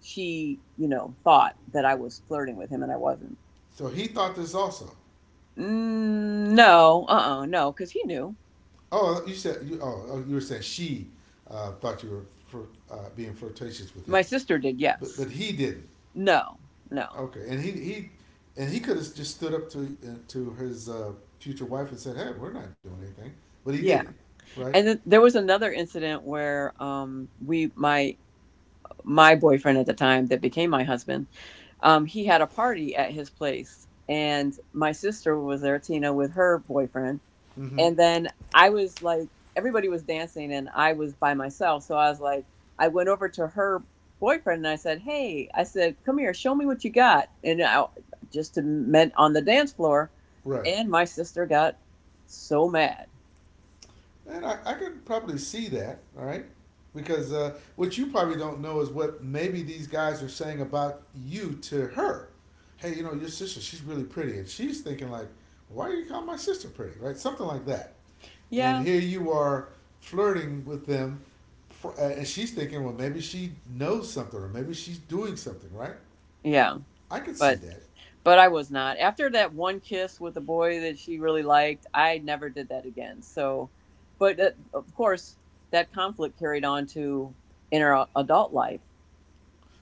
B: she, you know, thought that I was flirting with him, and I wasn't.
A: So he thought this also.
B: Mm, no, because he knew.
A: Oh, you said you. Oh, oh, you were saying she thought you were being flirtatious with him,
B: My sister did, yes.
A: but he didn't.
B: No, no.
A: Okay, and he could have just stood up to his future wife and said, "Hey, we're not doing anything," but he
B: Yeah.
A: didn't. Right.
B: And then there was another incident where we my my boyfriend at the time that became my husband, he had a party at his place, and my sister was there, Tina, with her boyfriend.
A: Mm-hmm.
B: And then I was like, everybody was dancing and I was by myself, so I was like, I went over to her boyfriend and I said, "Hey," I said, "come here, show me what you got." And I just to meant on the dance floor.
A: Right.
B: And my sister got so mad.
A: And I could probably see that, all right? Because what you probably don't know is what maybe these guys are saying about you to her. Hey, you know, your sister, she's really pretty. And she's thinking, like, why do you call my sister pretty, right? Something like that. And
B: Yeah,
A: here you are flirting with them. And she's thinking, well, maybe she knows something or maybe she's doing something, right?
B: yeah,
A: I could see
B: but
A: that.
B: but I was not. After that one kiss with the boy that she really liked, I never did that again. So, but of course, that conflict carried on to adult life.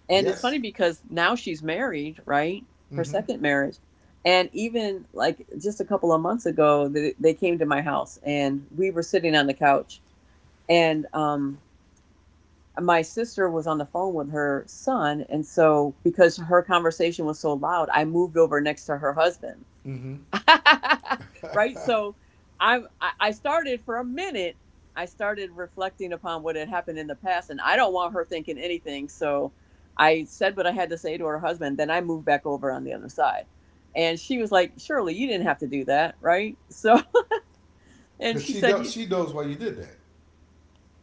B: And it's
A: Yes.
B: funny because now she's married, right? Her
A: Mm
B: second marriage. And even like just a couple of months ago, they came to my house and we were sitting on the couch, and my sister was on the phone with her son, and so because her conversation was so loud, I moved over next to her husband.
A: hmm. Mm
B: Right,
A: hmm.
B: so I started for a minute, I started reflecting upon what had happened in the past and I don't want her thinking anything. So I said what I had to say to her husband, then I moved back over on the other side. And she was like, "Surely you didn't have to do that, right?" So, and
A: Because
B: she
A: she,
B: said,
A: know, she knows why you did that.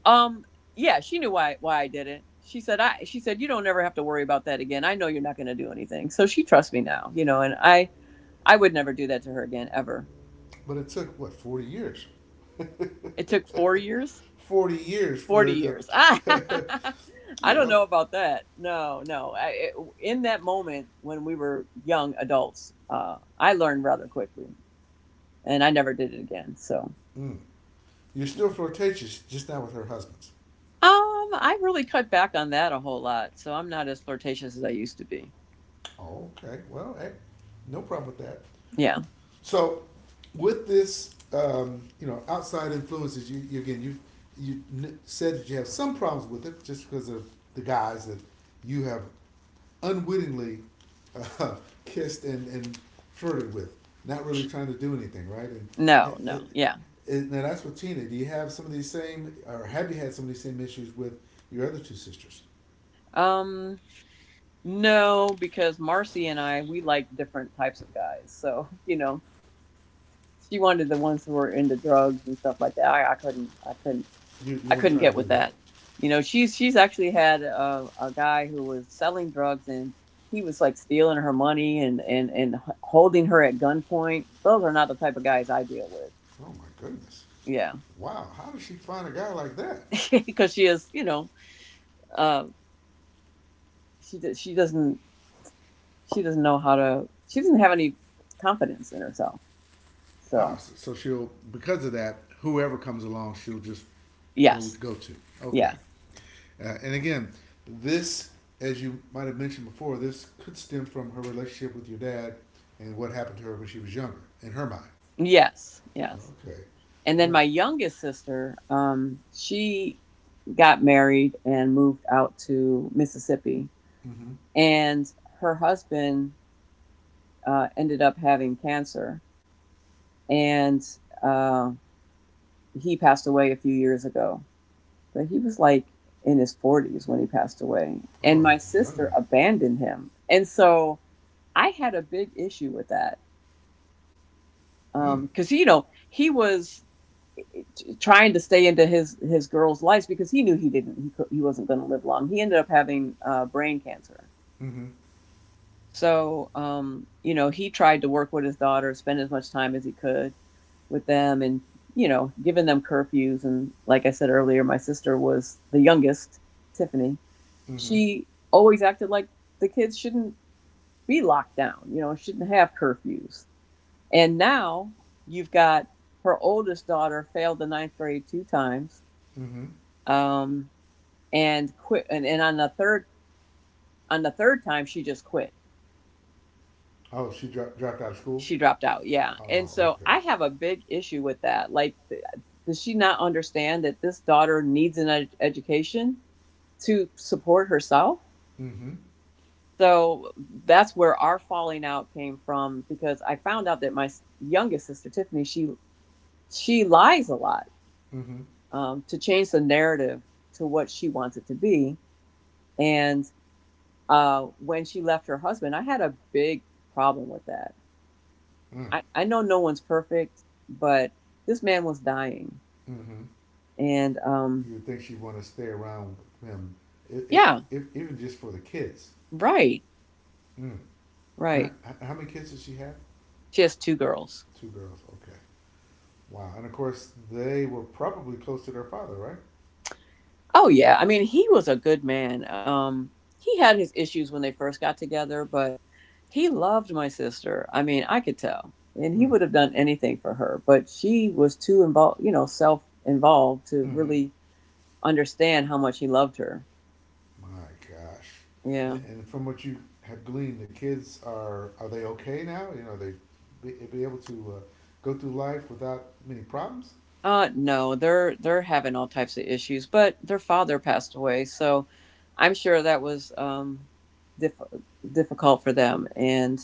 B: um, yeah, she knew why I did it. She said, I she said, "You don't ever have to worry about that again. I know you're not going to do anything." So she trusts me now, you know, and I would never do that to her again, ever.
A: But it took what 40 years,
B: It took 4 years,
A: 40 years
B: 40
A: for the,
B: years. I
A: you
B: don't
A: know,
B: know about that. No, no. In that moment when we were young adults, I learned rather quickly and I never did it again. So,
A: mm, you're
B: yeah.
A: still flirtatious, just not with her husbands.
B: um, I really cut back on that a whole lot, so I'm not as flirtatious as I used to be.
A: Oh, okay, well, hey, no problem with that.
B: Yeah.
A: So, with this, you know, outside influences, you said that you have some problems with it just because of the guys that you have unwittingly uh, kissed and flirted with, not really trying to do anything, right?
B: No, no.
A: Ha-
B: Yeah.
A: and now that's with Tina. Do you have some of these same, or have you had some of these same issues with your other two sisters?
B: Um, no, because Marcy and I, we like different types of guys. So, you know, she wanted the ones who were into drugs and stuff like that.
A: You
B: I
A: weren't
B: couldn't
A: trying
B: get
A: to do
B: with
A: that.
B: that. You know, she's actually had a guy who was selling drugs, and he was like stealing her money, and holding her at gunpoint. Those are not the type of guys I deal with.
A: Oh my goodness!
B: Yeah,
A: Wow, how did she find a guy like that?
B: because she is, you know, uh, she d- she doesn't she doesn't know how to. She doesn't have any confidence in herself.
A: Wow.
B: So.
A: So, so she'll because of that, whoever comes along, she'll just
B: Yes.
A: go to. Okay.
B: Yeah.
A: And again, this, as you might have mentioned before, this could stem from her relationship with your dad and what happened to her when she was younger in her mind.
B: Yes. Yes.
A: Okay.
B: And then my
A: That's,
B: youngest sister, she got married and moved out to Mississippi.
A: mm-hmm.
B: And her husband ended up having cancer. And uh, he passed away a few years ago. But he was like in his 40s when he passed away. And
A: Oh,
B: my
A: young
B: sister
A: man.
B: abandoned him. And so I had a big issue with that.
A: Hmm.
B: Because, you know, he was trying to stay into his girls' lives because he knew he didn't he co- he wasn't going to live long. He ended up having brain cancer.
A: Mm-hmm.
B: So you know, he tried to work with his daughter, spend as much time as he could with them, and, you know, giving them curfews. And like I said earlier, my sister was the youngest, Tiffany.
A: Mm-hmm.
B: She always acted like the kids shouldn't be locked down. You know, shouldn't have curfews. And now you've got her oldest daughter failed the ninth grade two times.
A: Mm-hmm.
B: Um, and quit, and on the third time she just quit,
A: Oh, she dropped out of school.
B: she dropped out. Yeah,
A: Oh,
B: and so
A: okay.
B: I have a big issue with that. Like, does she not understand that this daughter needs an education to support herself?
A: Mm-hmm.
B: So that's where our falling out came from, because I found out that my youngest sister Tiffany, she lies a lot,
A: Mm-hmm.
B: to change the narrative to what she wants it to be. And when she left her husband I had a big problem with that.
A: Mm.
B: I know no one's perfect, but this man was dying.
A: Mm-hmm.
B: And
A: You would think she'd want to stay around with him, it, it,
B: yeah,
A: even just for the kids.
B: right,
A: Mm. How
B: right.
A: how many kids did she have?
B: She has two girls.
A: Two girls. Okay. Wow. And of course, they were probably close to their father, right?
B: Oh yeah, I mean he was a good man. He had his issues when they first got together, but he loved my sister. I mean, I could tell. And he
A: Mm.
B: would have done anything for her, but she was too involved, you know, self involved to
A: Mm-hmm.
B: really understand how much he loved her.
A: My gosh.
B: Yeah.
A: And from what you have gleaned, the kids are they okay now? You know, they, be able to go through life without many problems.
B: No, they're having all types of issues, but their father passed away, so I'm sure that was diff- difficult for them. And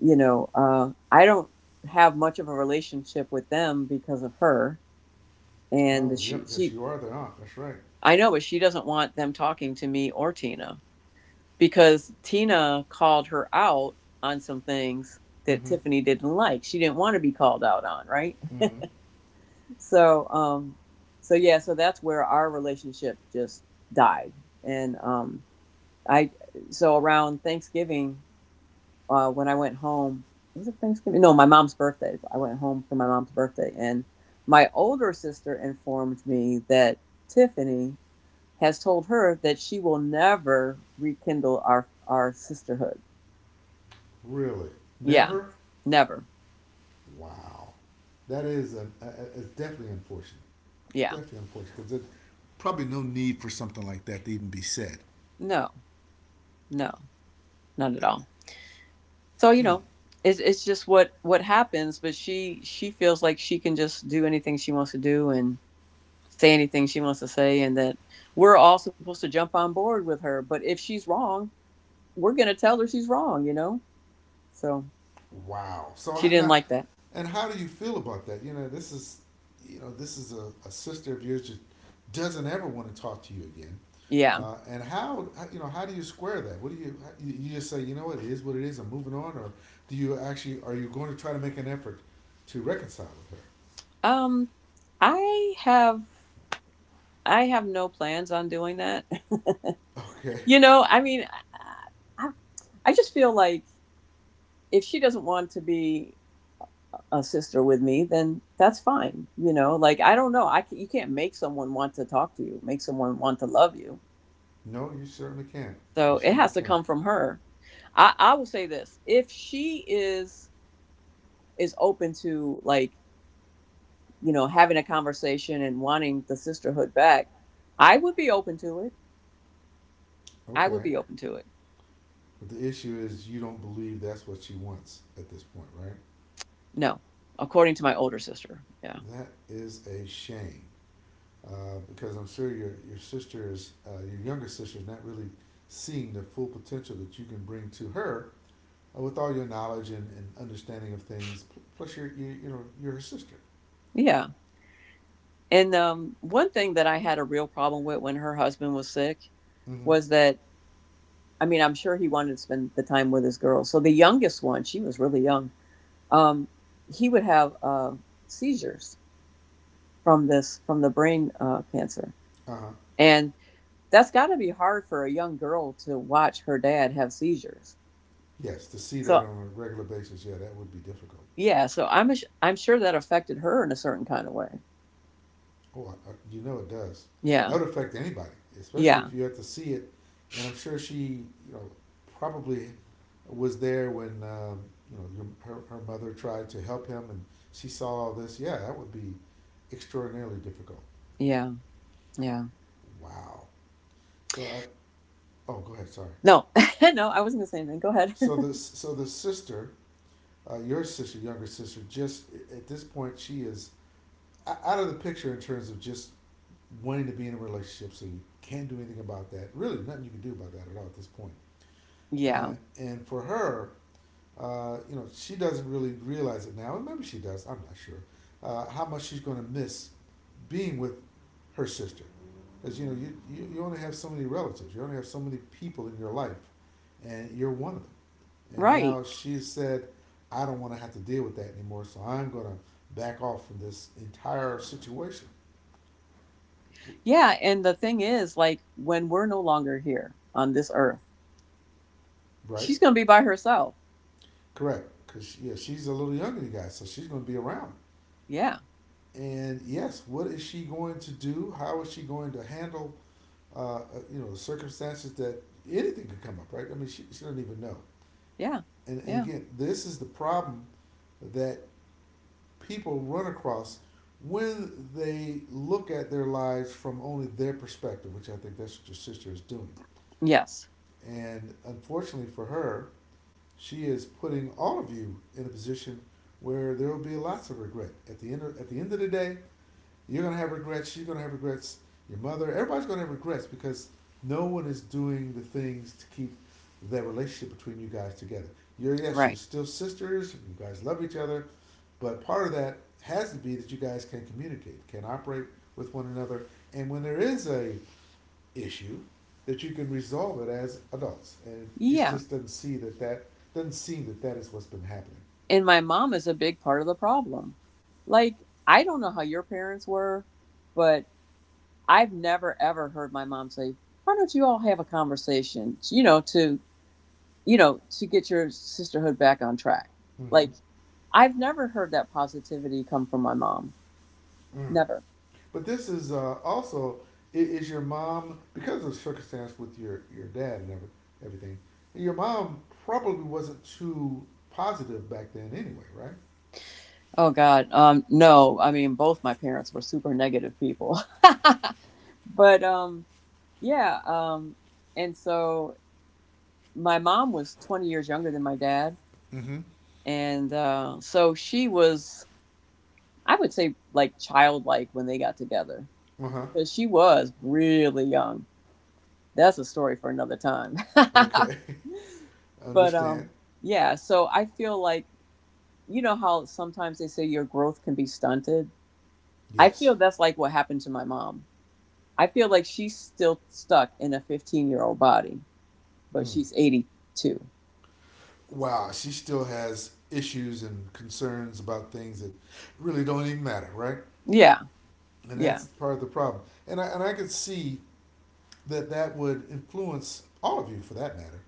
B: you know, I don't have much of a relationship with them because of her.
A: Oh,
B: And
A: yep.
B: she
A: Yes,
B: she
A: you are their aunt. That's right.
B: I know, but she doesn't want them talking to me or Tina because Tina called her out on some things that
A: Mm-hmm.
B: Tiffany didn't like. She didn't want to be called out on, right?
A: Mm-hmm.
B: So so, yeah, so that's where our relationship just died. And I so around Thanksgiving, when I went home, was it Thanksgiving? No, my mom's birthday. I went home for my mom's birthday, and my older sister informed me that Tiffany has told her that she will never rekindle our sisterhood.
A: Really?
B: Yeah,
A: Never?
B: never.
A: Wow, that is a, it's definitely unfortunate.
B: Yeah.
A: Definitely unfortunate. Because it. Probably no need for something like that to even be said.
B: No, no, not at all. So you
A: Mm.
B: know, it's just what happens. But she feels like she can just do anything she wants to do and say anything she wants to say, and that we're all supposed to jump on board with her. But if she's wrong, we're going to tell her she's wrong, you know. So
A: Wow. So
B: she didn't
A: now,
B: like that.
A: and how do you feel about that? You know, this is a sister of yours that doesn't ever want to talk to you again.
B: Yeah,
A: And how do you square that? What do you, you you just say, you know what, it is what it is. I'm moving on, or do you actually are you going to try to make an effort to reconcile with her?
B: um I have I have no plans on doing that.
A: Okay.
B: You know, I mean, I, I I just feel like if she doesn't want to be a sister with me, then that's fine. You know, like I don't know, you can't make someone want to talk to you, make someone want to love you.
A: No, you certainly can. You
B: So it
A: certainly
B: has to
A: can.
B: come from her. I will say this: if she is open to, like, you know, having a conversation and wanting the sisterhood back, I would be open to it. I would
A: Okay.
B: be open to it.
A: But the issue is you don't believe that's what she wants at this point, right?
B: No, according to my older sister, yeah,
A: That is a shame, because I'm sure your sister is, your younger sister is not really seeing the full potential that you can bring to her, with all your knowledge and understanding of things. Plus, you're you you know you're her sister.
B: yeah. And one thing that I had a real problem with when her husband was sick
A: Mm-hmm.
B: was that I'm sure he wanted to spend the time with his girls. So the youngest one, she was really young. Um, he would have seizures from the brain cancer,
A: Uh huh.
B: and that's got to be hard for a young girl to watch her dad have seizures.
A: Yes, to see that
B: So
A: on a regular basis, yeah, that would be difficult.
B: yeah, so I'm sure that affected her in a certain kind of way.
A: Oh, you know it does.
B: Yeah,
A: That would affect anybody, especially
B: yeah,
A: if you have to see it. And I'm sure she, probably was there when you know your, her her mother tried to help him, and she saw all this. Yeah, that would be extraordinarily difficult.
B: yeah, yeah.
A: Wow. So I. Oh, go ahead. Sorry.
B: No, no, I wasn't gonna say anything. Go ahead.
A: So the so the sister, your sister, younger sister, just at this point, she is out of the picture in terms of just wanting to be in a relationship, so you can't do anything about that. Really, nothing you can do about that at all at this point.
B: Yeah,
A: And for her, she doesn't really realize it now, and maybe she does. I'm not sure how much she's going to miss being with her sister, because you only have so many relatives, you only have so many people in your life, and you're one of them. And
B: right.
A: now she said, "I don't want to have to deal with that anymore, so I'm going to back off from this entire situation,"
B: Yeah, and the thing is, like, when we're no longer here on this earth,
A: right?
B: she's going to be by herself.
A: Correct, because yeah, she's a little younger than you guys, so she's going to be around.
B: Yeah.
A: And yes, what is she going to do? How is she going to handle, uh, uh, circumstances that anything could come up, right? I mean, she doesn't even know.
B: Yeah.
A: And
B: Yeah.
A: again, this is the problem that people run across when they look at their lives from only their perspective, which I think that's what your sister is doing.
B: Yes.
A: And unfortunately for her, she is putting all of you in a position where there will be lots of regret. At the end of the day, you're gonna have regrets. She's gonna have regrets. Your mother, everybody's gonna have regrets because no one is doing the things to keep that relationship between you guys together. You're, yes, you're
B: Right.
A: still sisters. You guys love each other, but part of that has to be that you guys can communicate, can operate with one another, and when there is a issue that you can resolve it as adults, and it
B: Yeah.
A: just doesn't seem that that is what's been happening.
B: And my mom is a big part of the problem. Like, I don't know how your parents were, but I've never ever heard my mom say, "Why don't you all have a conversation?" To get your sisterhood back on track.
A: Mm-hmm.
B: Like, I've never heard that positivity come from my mom.
A: Mm.
B: Never.
A: But this is, also is your mom, because of the circumstance with your dad and everything. Your mom probably wasn't too positive back then, anyway, right?
B: Oh God. No, I mean both my parents were super negative people. but Yeah. And so my mom was 20 years younger than my dad.
A: Mm-hmm.
B: And so she was, I would say, like childlike when they got together
A: Uh huh.
B: because she was really young. That's a story for another time.
A: Okay.
B: but
A: Understand?
B: yeah, so I feel like, you know, how sometimes they say your growth can be stunted? I
A: Yes.
B: feel that's like what happened to my mom. I feel like she's still stuck in a 15-year-old body, but
A: Mm.
B: she's 82.
A: Wow, she still has issues and concerns about things that really don't even matter, right?
B: Yeah.
A: And
B: Yeah.
A: that's part of the problem. And I could see that that would influence all of you for that matter,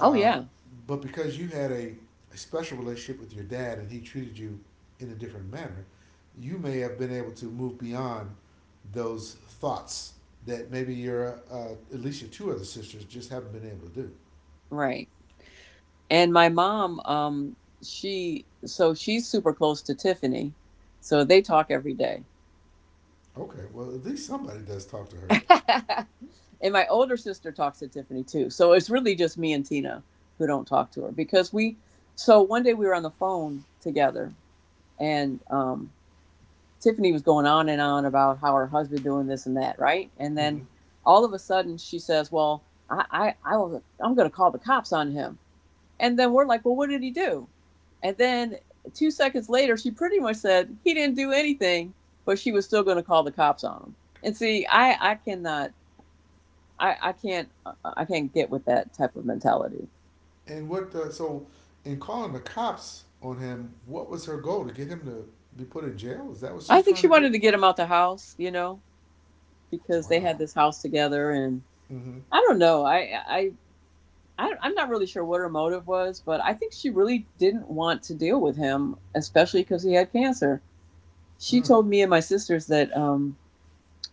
B: Oh yeah.
A: but because you had a special relationship with your dad and he treated you in a different manner, you may have been able to move beyond those thoughts that maybe your at least your two other sisters just haven't been able to do.
B: Right. And my mom, she so she's super close to Tiffany. So they talk every day.
A: Okay, well at least somebody does talk to her.
B: And my older sister talks to Tiffany too. So it's really just me and Tina who don't talk to her because we so one day we were on the phone together and Tiffany was going on and on about how her husband doing this and that, right? And
A: Mm-hmm.
B: then all of a sudden she says, "Well, I'm gonna call the cops on him." And then we're like, "Well, what did he do?" And then two seconds later, she pretty much said he didn't do anything, but she was still going to call the cops on him. And see, I can't, I can't get with that type of mentality.
A: And what? The so, in calling the cops on him, what was her goal? To get him to be put in jail? Is that what
B: I
A: she's
B: think
A: trying
B: she
A: to
B: wanted
A: do?
B: to get him out the house, you know, because they had
A: Wow.
B: this house together, and
A: Mm-hmm.
B: I don't know, I. I, I'm not really sure what her motive was, but I think she really didn't want to deal with him, especially because he had cancer. She
A: Mm.
B: told me and my sisters that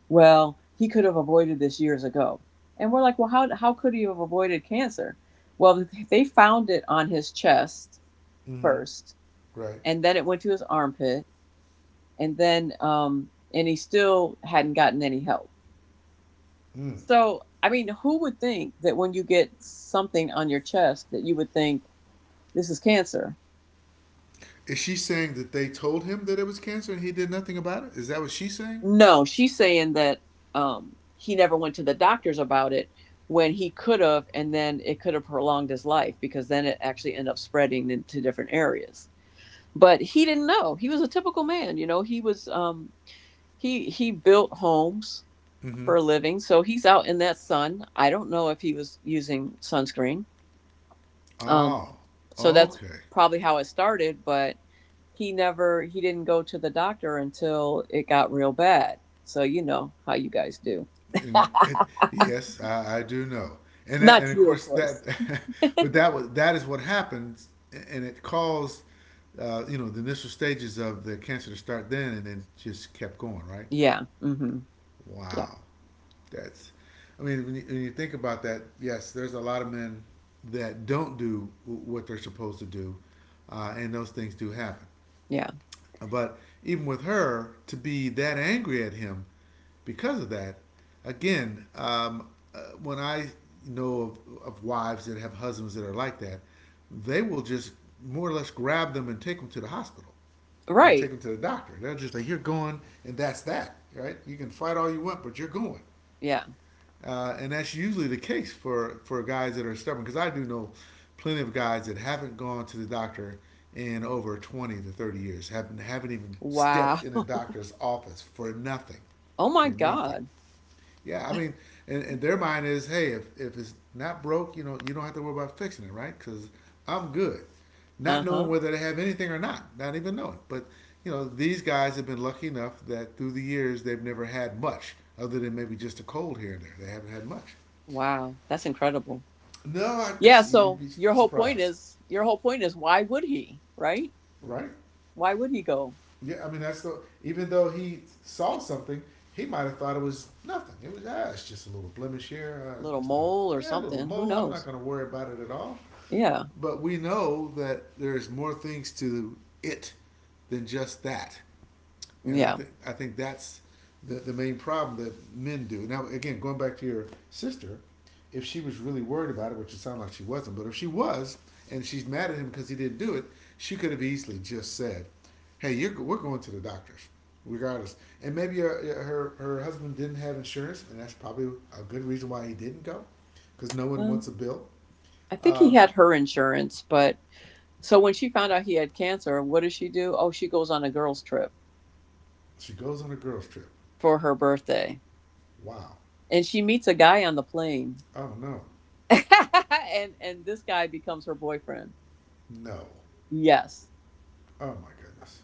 B: well, he could have avoided this years ago. And we're like, well, how could he have avoided cancer? Well, they found it on his chest
A: Mm-hmm.
B: first,
A: Right.
B: and then it went to his armpit, and then, and he still hadn't gotten any help.
A: Mm.
B: So, I mean, who would think that when you get something on your chest that you would think this is cancer?
A: Is she saying that they told him that it was cancer and he did nothing about it? Is that what she's saying?
B: No, she's saying that he never went to the doctors about it when he could have, and then it could have prolonged his life because then it actually ended up spreading into different areas. But he didn't know. He was a typical man, you know. He was um, he built homes
A: Mm-hmm.
B: for a living, so he's out in that sun. I don't know if he was using sunscreen. Um,
A: Oh.
B: so that's
A: Okay.
B: probably how it started, but he didn't go to the doctor until it got real bad. So you know how you guys do.
A: And it, yes, I do know, and
B: Not
A: of
B: you, of
A: course
B: course.
A: that, but that is what happens, and it caused, the initial stages of the cancer to start then, and then just kept going, right?
B: Yeah. Mm-hmm. Yeah.
A: Wow, that's, I mean, when you think about that, yes, there's a lot of men that don't do what they're supposed to do, and those things do happen.
B: Yeah.
A: But even with her, to be that angry at him because of that, again, when I know of wives that have husbands that are like that, they will just more or less grab them and take them to the hospital or take
B: Right.
A: them to the doctor. They're just like, you're going, and that's that, right? You can fight all you want, but you're going.
B: Yeah.
A: And that's usually the case for guys that are stubborn, because I do know plenty of guys that haven't gone to the doctor in over 20 to 30 years, haven't even
B: Wow.
A: stepped in a doctor's office for nothing,
B: Oh my
A: for nothing.
B: God.
A: Yeah, I mean, and their mind is, hey, if it's not broke, you don't have to worry about fixing it, right? Because I'm good. Not knowing
B: Uh-huh.
A: whether they have anything or not, not even knowing. But, these guys have been lucky enough that through the years they've never had much other than maybe just a cold here and there. They haven't had much.
B: Wow. That's incredible.
A: No,
B: Yeah,
A: you'd
B: so
A: be surprised.
B: your whole point is why would he, right?
A: Right?
B: Why would he go?
A: Yeah, I mean that's the even though he saw something, he might have thought it was nothing. It's just a little blemish here.
B: Little
A: That's not
B: mole
A: a
B: or
A: yeah, a little
B: something. Who
A: mole. I'm not
B: knows?
A: going to worry about it at all.
B: Yeah.
A: But we know that there's more things to it than just that, and I
B: Yeah.
A: think I think that's the main problem that men do. Now again, going back to your sister, if she was really worried about it, which it sounded like she wasn't, but if she was and she's mad at him because he didn't do it, she could have easily just said, "Hey, we're going to the doctors." Regardless, and maybe her husband didn't have insurance, and that's probably a good reason why he didn't go, because no one
B: Well,
A: wants a bill.
B: I think
A: Uh,
B: he had her insurance, but so when she found out he had cancer, what does she do? Oh, she goes on a girls' trip
A: she goes on a girls' trip.
B: for her birthday.
A: Wow.
B: And she meets a guy on the plane.
A: Oh no,
B: And this guy becomes her boyfriend.
A: no.
B: Yes.
A: Oh my goodness.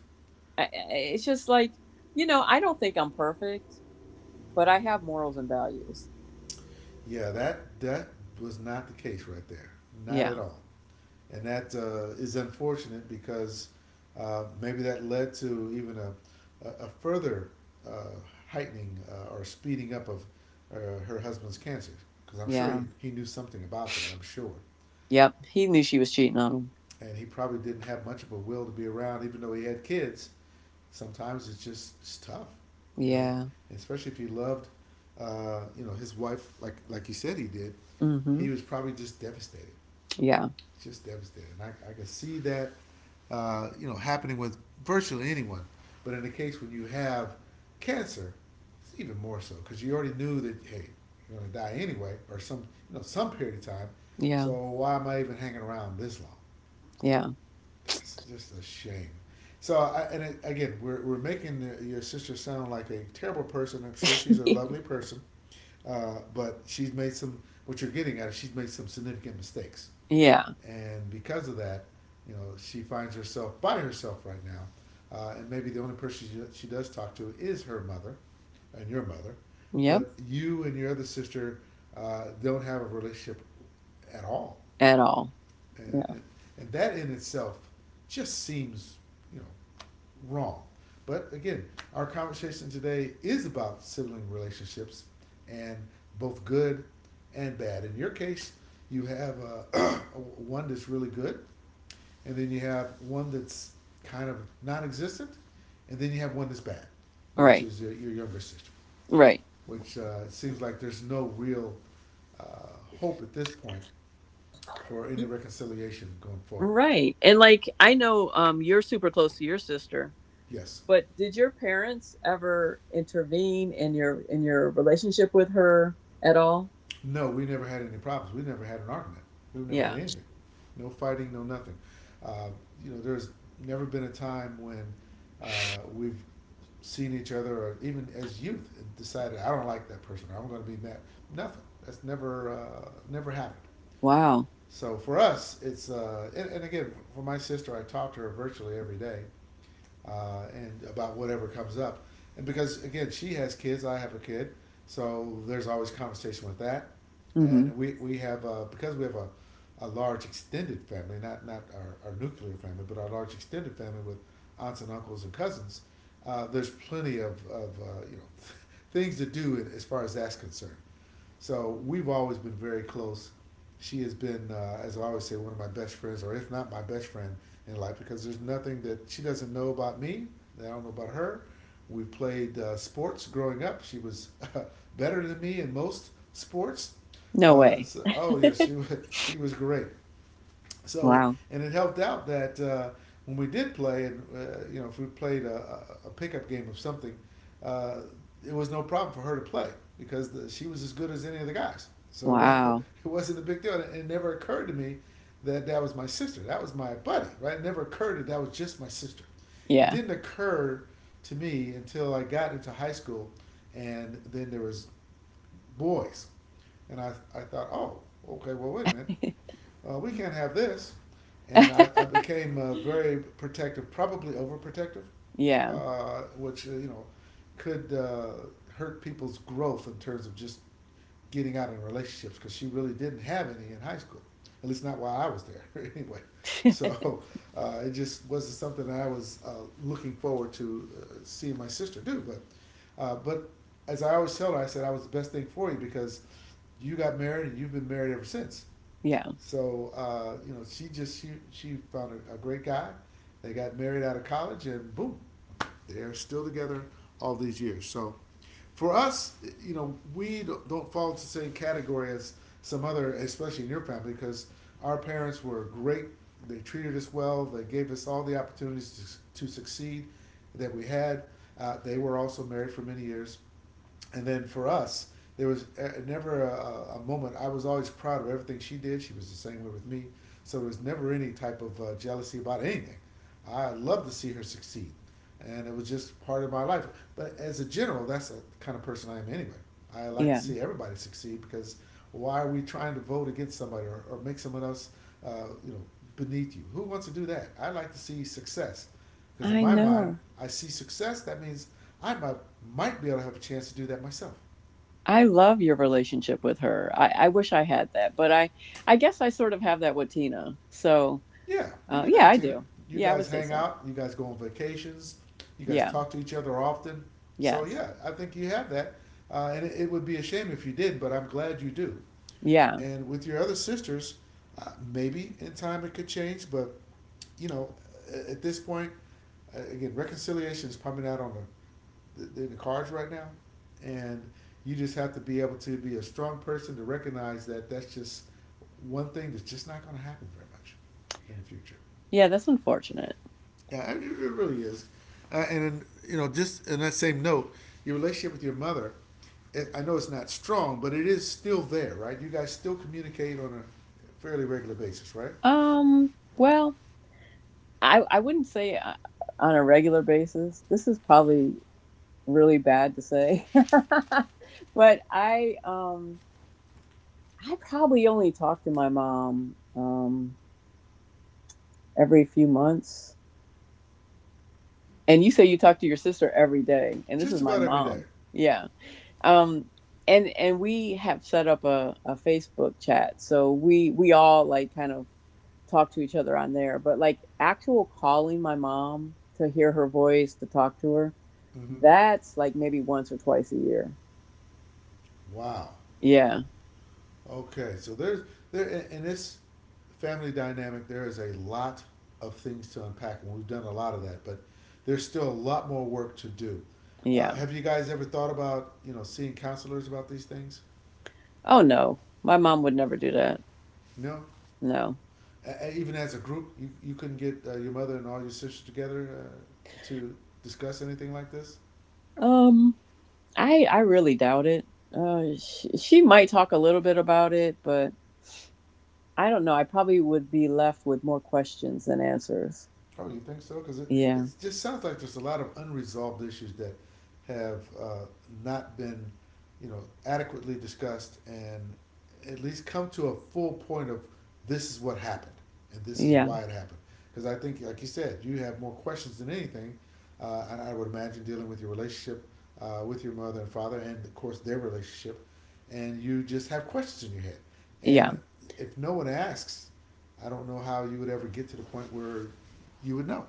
B: I- It's just like, you know, I don't think I'm perfect, but I have morals and values.
A: Yeah, that was not the case right there, not
B: Yeah.
A: at all, and that, is unfortunate because, maybe that led to even a further, uh, heightening, or speeding up of, her husband's cancer, because I'm sure he,
B: Yeah.
A: he knew something about that. I'm sure,
B: Yep. He knew she was cheating on him.
A: and he probably didn't have much of a will to be around, even though he had kids. Sometimes it's tough, you know.
B: Yeah.
A: Especially if he loved, his wife like you said he did.
B: Mm.
A: He
B: Mhm.
A: was probably just devastated,
B: Yeah.
A: just devastated. And I can see that, happening with virtually anyone. But in the case when you have cancer, it's even more so because you already knew that hey, you're gonna die anyway, or some you know some period of time.
B: Yeah.
A: So why am I even hanging around this long?
B: Yeah.
A: That's just a shame. So, again, we're making your sister sound like a terrible person. I'm sure she's a lovely person, but what you're getting at is she's made some significant mistakes.
B: Yeah.
A: And because of that, she finds herself by herself right now. And maybe the only person she does talk to is her mother and your mother.
B: Yep.
A: But you and your other sister, don't have a relationship at all,
B: At all.
A: and,
B: Yeah.
A: and, and that in itself just seems, you know wrong. But again, our conversation today is about sibling relationships, and both good and bad. In your case, you have, uh, one that's really good, and then you have one that's kind of non-existent, and then you have one that's bad, which
B: Right.
A: is your younger sister,
B: Right.
A: which, seems like there's no real, uh, hope at this point for any reconciliation going forward.
B: Right. And like, I know you're super close to your sister,
A: Yes.
B: but did your parents ever intervene in your relationship with her at all?
A: No, we never had any problems. We never had an argument. We've never had
B: Yeah.
A: anything. No fighting, no nothing. Uh, there's never been a time when we've seen each other, or even as youth, and decided I don't like that person, or I'm going to be mad. Nothing. That's never happened.
B: Wow.
A: So for us, it's and again for my sister, I talk to her virtually every day, and about whatever comes up, and because again she has kids, I have a kid, so there's always conversation with that, and
B: Mhm.
A: we have a, because we have a large extended family, not our, our nuclear family, but our large extended family with aunts and uncles and cousins. There's plenty of things to do as far as that's concerned. So we've always been very close. She has been, as I always say, one of my best friends, or if not my best friend in life, because there's nothing that she doesn't know about me that I don't know about her. We played sports growing up. She was uh, better than me in most sports.
B: No way.
A: Oh yeah, she was great. So,
B: Wow.
A: and it helped out that when we did play, and if we played pickup game of something, uh, it was no problem for her to play because she was as good as any of the guys. So it was not
B: Wow.
A: it wasn't a big deal, and it never occurred to me that that was my sister. That was my buddy, right? It never occurred that that was just my sister. It
B: Yeah.
A: didn't occur to me until I got into high school, and then there was boys. And I thought, oh, okay, well, wait a minute. We can't have this. And I became very protective, probably overprotective,
B: Yeah.
A: which could hurt people's growth in terms of just getting out in relationships because she really didn't have any in high school, at least not while I was there anyway. So it just wasn't something that I was looking forward to seeing my sister do. But as I always tell her, I said I was the best thing for you because you got married and you've been married ever since.
B: Yeah.
A: So she just she found a great guy. They got married out of college, and boom, they're still together all these years. So for us, we don't fall into the same category as some other, especially in your family, because our parents were great. They treated us well. They gave us all the opportunities to succeed that we had. They were also married for many years, and then for us, there was never a moment. I was always proud of everything she did. She was the same way with me. So there was never any type of jealousy about anything. I loved to see her succeed, and it was just part of my life. But as a general, that's the kind of person I am anyway. I like to
B: Yeah.
A: see everybody succeed because why are we trying to vote against somebody, or make someone else, uh, you know, beneath you? Who wants to do that? I like to see success. Because in
B: I
A: my mind,
B: know.
A: I see success. That means I might, might be able to have a chance to do that myself.
B: I love your relationship with her. I wish I had that, but I guess I sort of have that with Tina. So,
A: Yeah, you
B: uh,
A: got that
B: yeah, I
A: between.
B: do.
A: You
B: Yeah, I would
A: guys
B: say
A: hang
B: so.
A: out. You guys go on vacations. You guys
B: Yeah.
A: talk to each other often. So
B: Yes.
A: yeah, I think you have that, and it would be a shame if you did. But I'm glad you do.
B: Yeah.
A: And with your other sisters, maybe in time it could change, but you know, at this point, again, reconciliation is probably not on the cards right now, and you just have to be able to be a strong person to recognize that that's just one thing that's just not going to happen very much in the future.
B: Yeah, that's unfortunate.
A: Yeah, it really is. And then, you know, just in that same note, your relationship with your mother, I know it's not strong, but it is still there, right? You guys still communicate on a fairly regular basis, right?
B: Well, I wouldn't say on a regular basis. This is probably really bad to say. But I probably only talk to my mom every few months. And you say you talk to your sister every day, and this
A: Just
B: is my
A: about every day.
B: mom. Yeah. um and we have set up a facebook chat so we all like kind of talk to each other on there, but like actual calling my mom to hear her voice, to talk to her,
A: Mm-hmm.
B: that's like maybe once or twice a year.
A: Wow.
B: Yeah.
A: Okay, so there in this family dynamic, there is a lot of things to unpack, and we've done a lot of that, but there's still a lot more work to do.
B: Yeah.
A: Have you guys ever thought about seeing counselors about these things?
B: Oh no, my mom would never do that.
A: No.
B: No.
A: Even as a group, you couldn't get your mother and all your sisters together to discuss anything like this.
B: Um i i really doubt it. She might talk a little bit about it, but I don't know, I probably would be left with more questions than answers.
A: Oh, you think so? Because it
B: Yeah.
A: just sounds like there's a lot of unresolved issues that have not been, you know, adequately discussed and at least come to a full point of this is what happened and this is
B: Yeah.
A: why it happened. Because I think, like you said, you have more questions than anything, and I would imagine dealing with your relationship with your mother and father, and of course their relationship, and you just have questions in your head.
B: Yeah.
A: And if no one asks, I don't know how you would ever get to the point where you would know.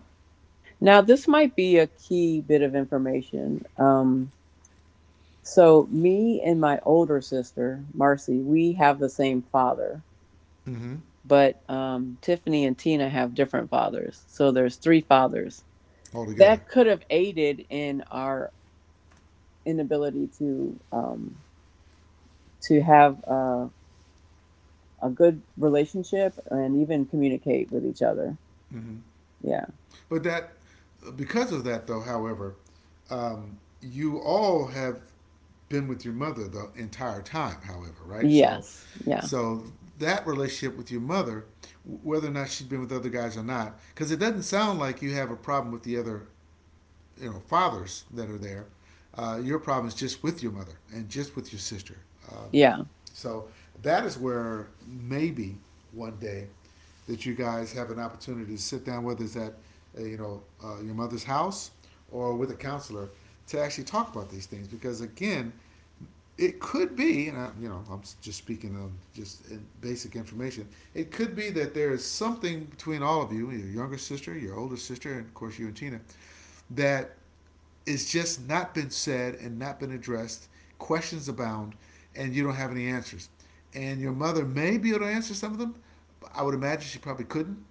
B: Now, this might be a key bit of information. So, me and my older sister, Marcy, we have the same father,
A: Mm-hmm.
B: but Tiffany and Tina have different fathers. So, there's three fathers.
A: Altogether.
B: That could have aided in our inability to have a good relationship and even communicate with each other.
A: Mm-hmm.
B: Yeah.
A: But that, because of that, though, however, you all have been with your mother the entire time. However, right? So,
B: Yes. Yeah.
A: so that relationship with your mother, whether or not she's been with other guys or not, because it doesn't sound like you have a problem with the other fathers that are there. Your problem is just with your mother and just with your sister. Um,
B: Yeah.
A: so that is where maybe one day that you guys have an opportunity to sit down, whether it's at your mother's house or with a counselor, to actually talk about these things. Because again, it could be, and I'm just speaking of just basic information. It could be that there is something between all of you, your younger sister, your older sister, and of course you and Tina, that it's just not been said and not been addressed. Questions abound, and you don't have any answers. And your mother may be able to answer some of them, but I would imagine she probably couldn't.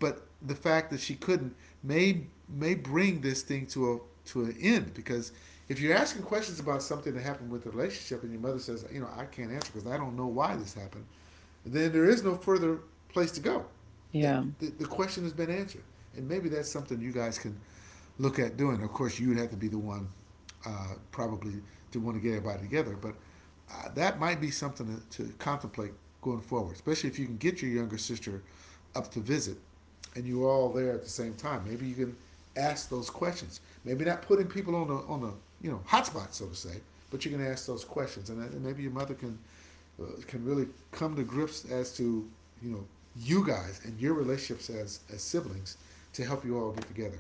A: But the fact that she couldn't may may bring this thing to a to an end. Because if you're asking questions about something that happened with the relationship and your mother says, you know, I can't answer because I don't know why this happened, then there is no further place to go. That
B: Yeah.
A: the question has been answered, and maybe that's something you guys can look at doing. Of course, you'd have to be the one, probably, to want to get everybody together. But that might be something to contemplate going forward, especially if you can get your younger sister up to visit and you're all there at the same time. Maybe you can ask those questions. Maybe not putting people on the hotspot, so to say, but you can ask those questions, and maybe your mother can really come to grips as to you know you guys and your relationships as siblings to help you all get together.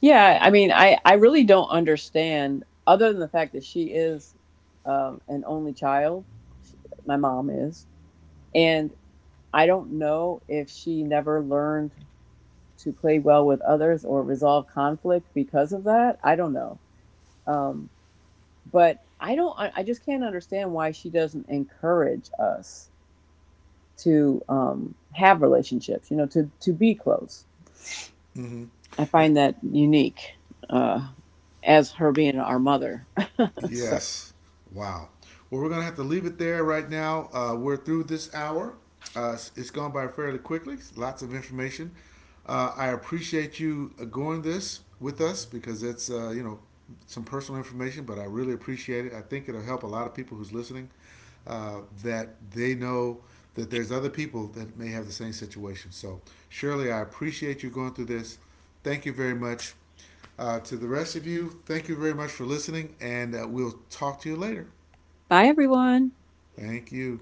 B: Yeah, I mean, I really don't understand other than the fact that she is an only child. Sh My mom is, and I don't know if she never learned to play well with others or resolve conflict because of that. I don't know. Um, but I don't I just can't understand why she doesn't encourage us to have relationships, you know, to be close. I find that unique uh as her being our mother. So,
A: Yes. Wow. Well, we're going to have to leave it there right now. We're through this hour. It's gone by fairly quickly. Lots of information. I appreciate you going this with us, because it's some personal information, but I really appreciate it. I think it'll help a lot of people who's listening, that they know that there's other people that may have the same situation. So, Shirley, I appreciate you going through this. Thank you very much. To the rest of you, thank you very much for listening, and we'll talk to you later.
B: bye everyone.
A: Thank you.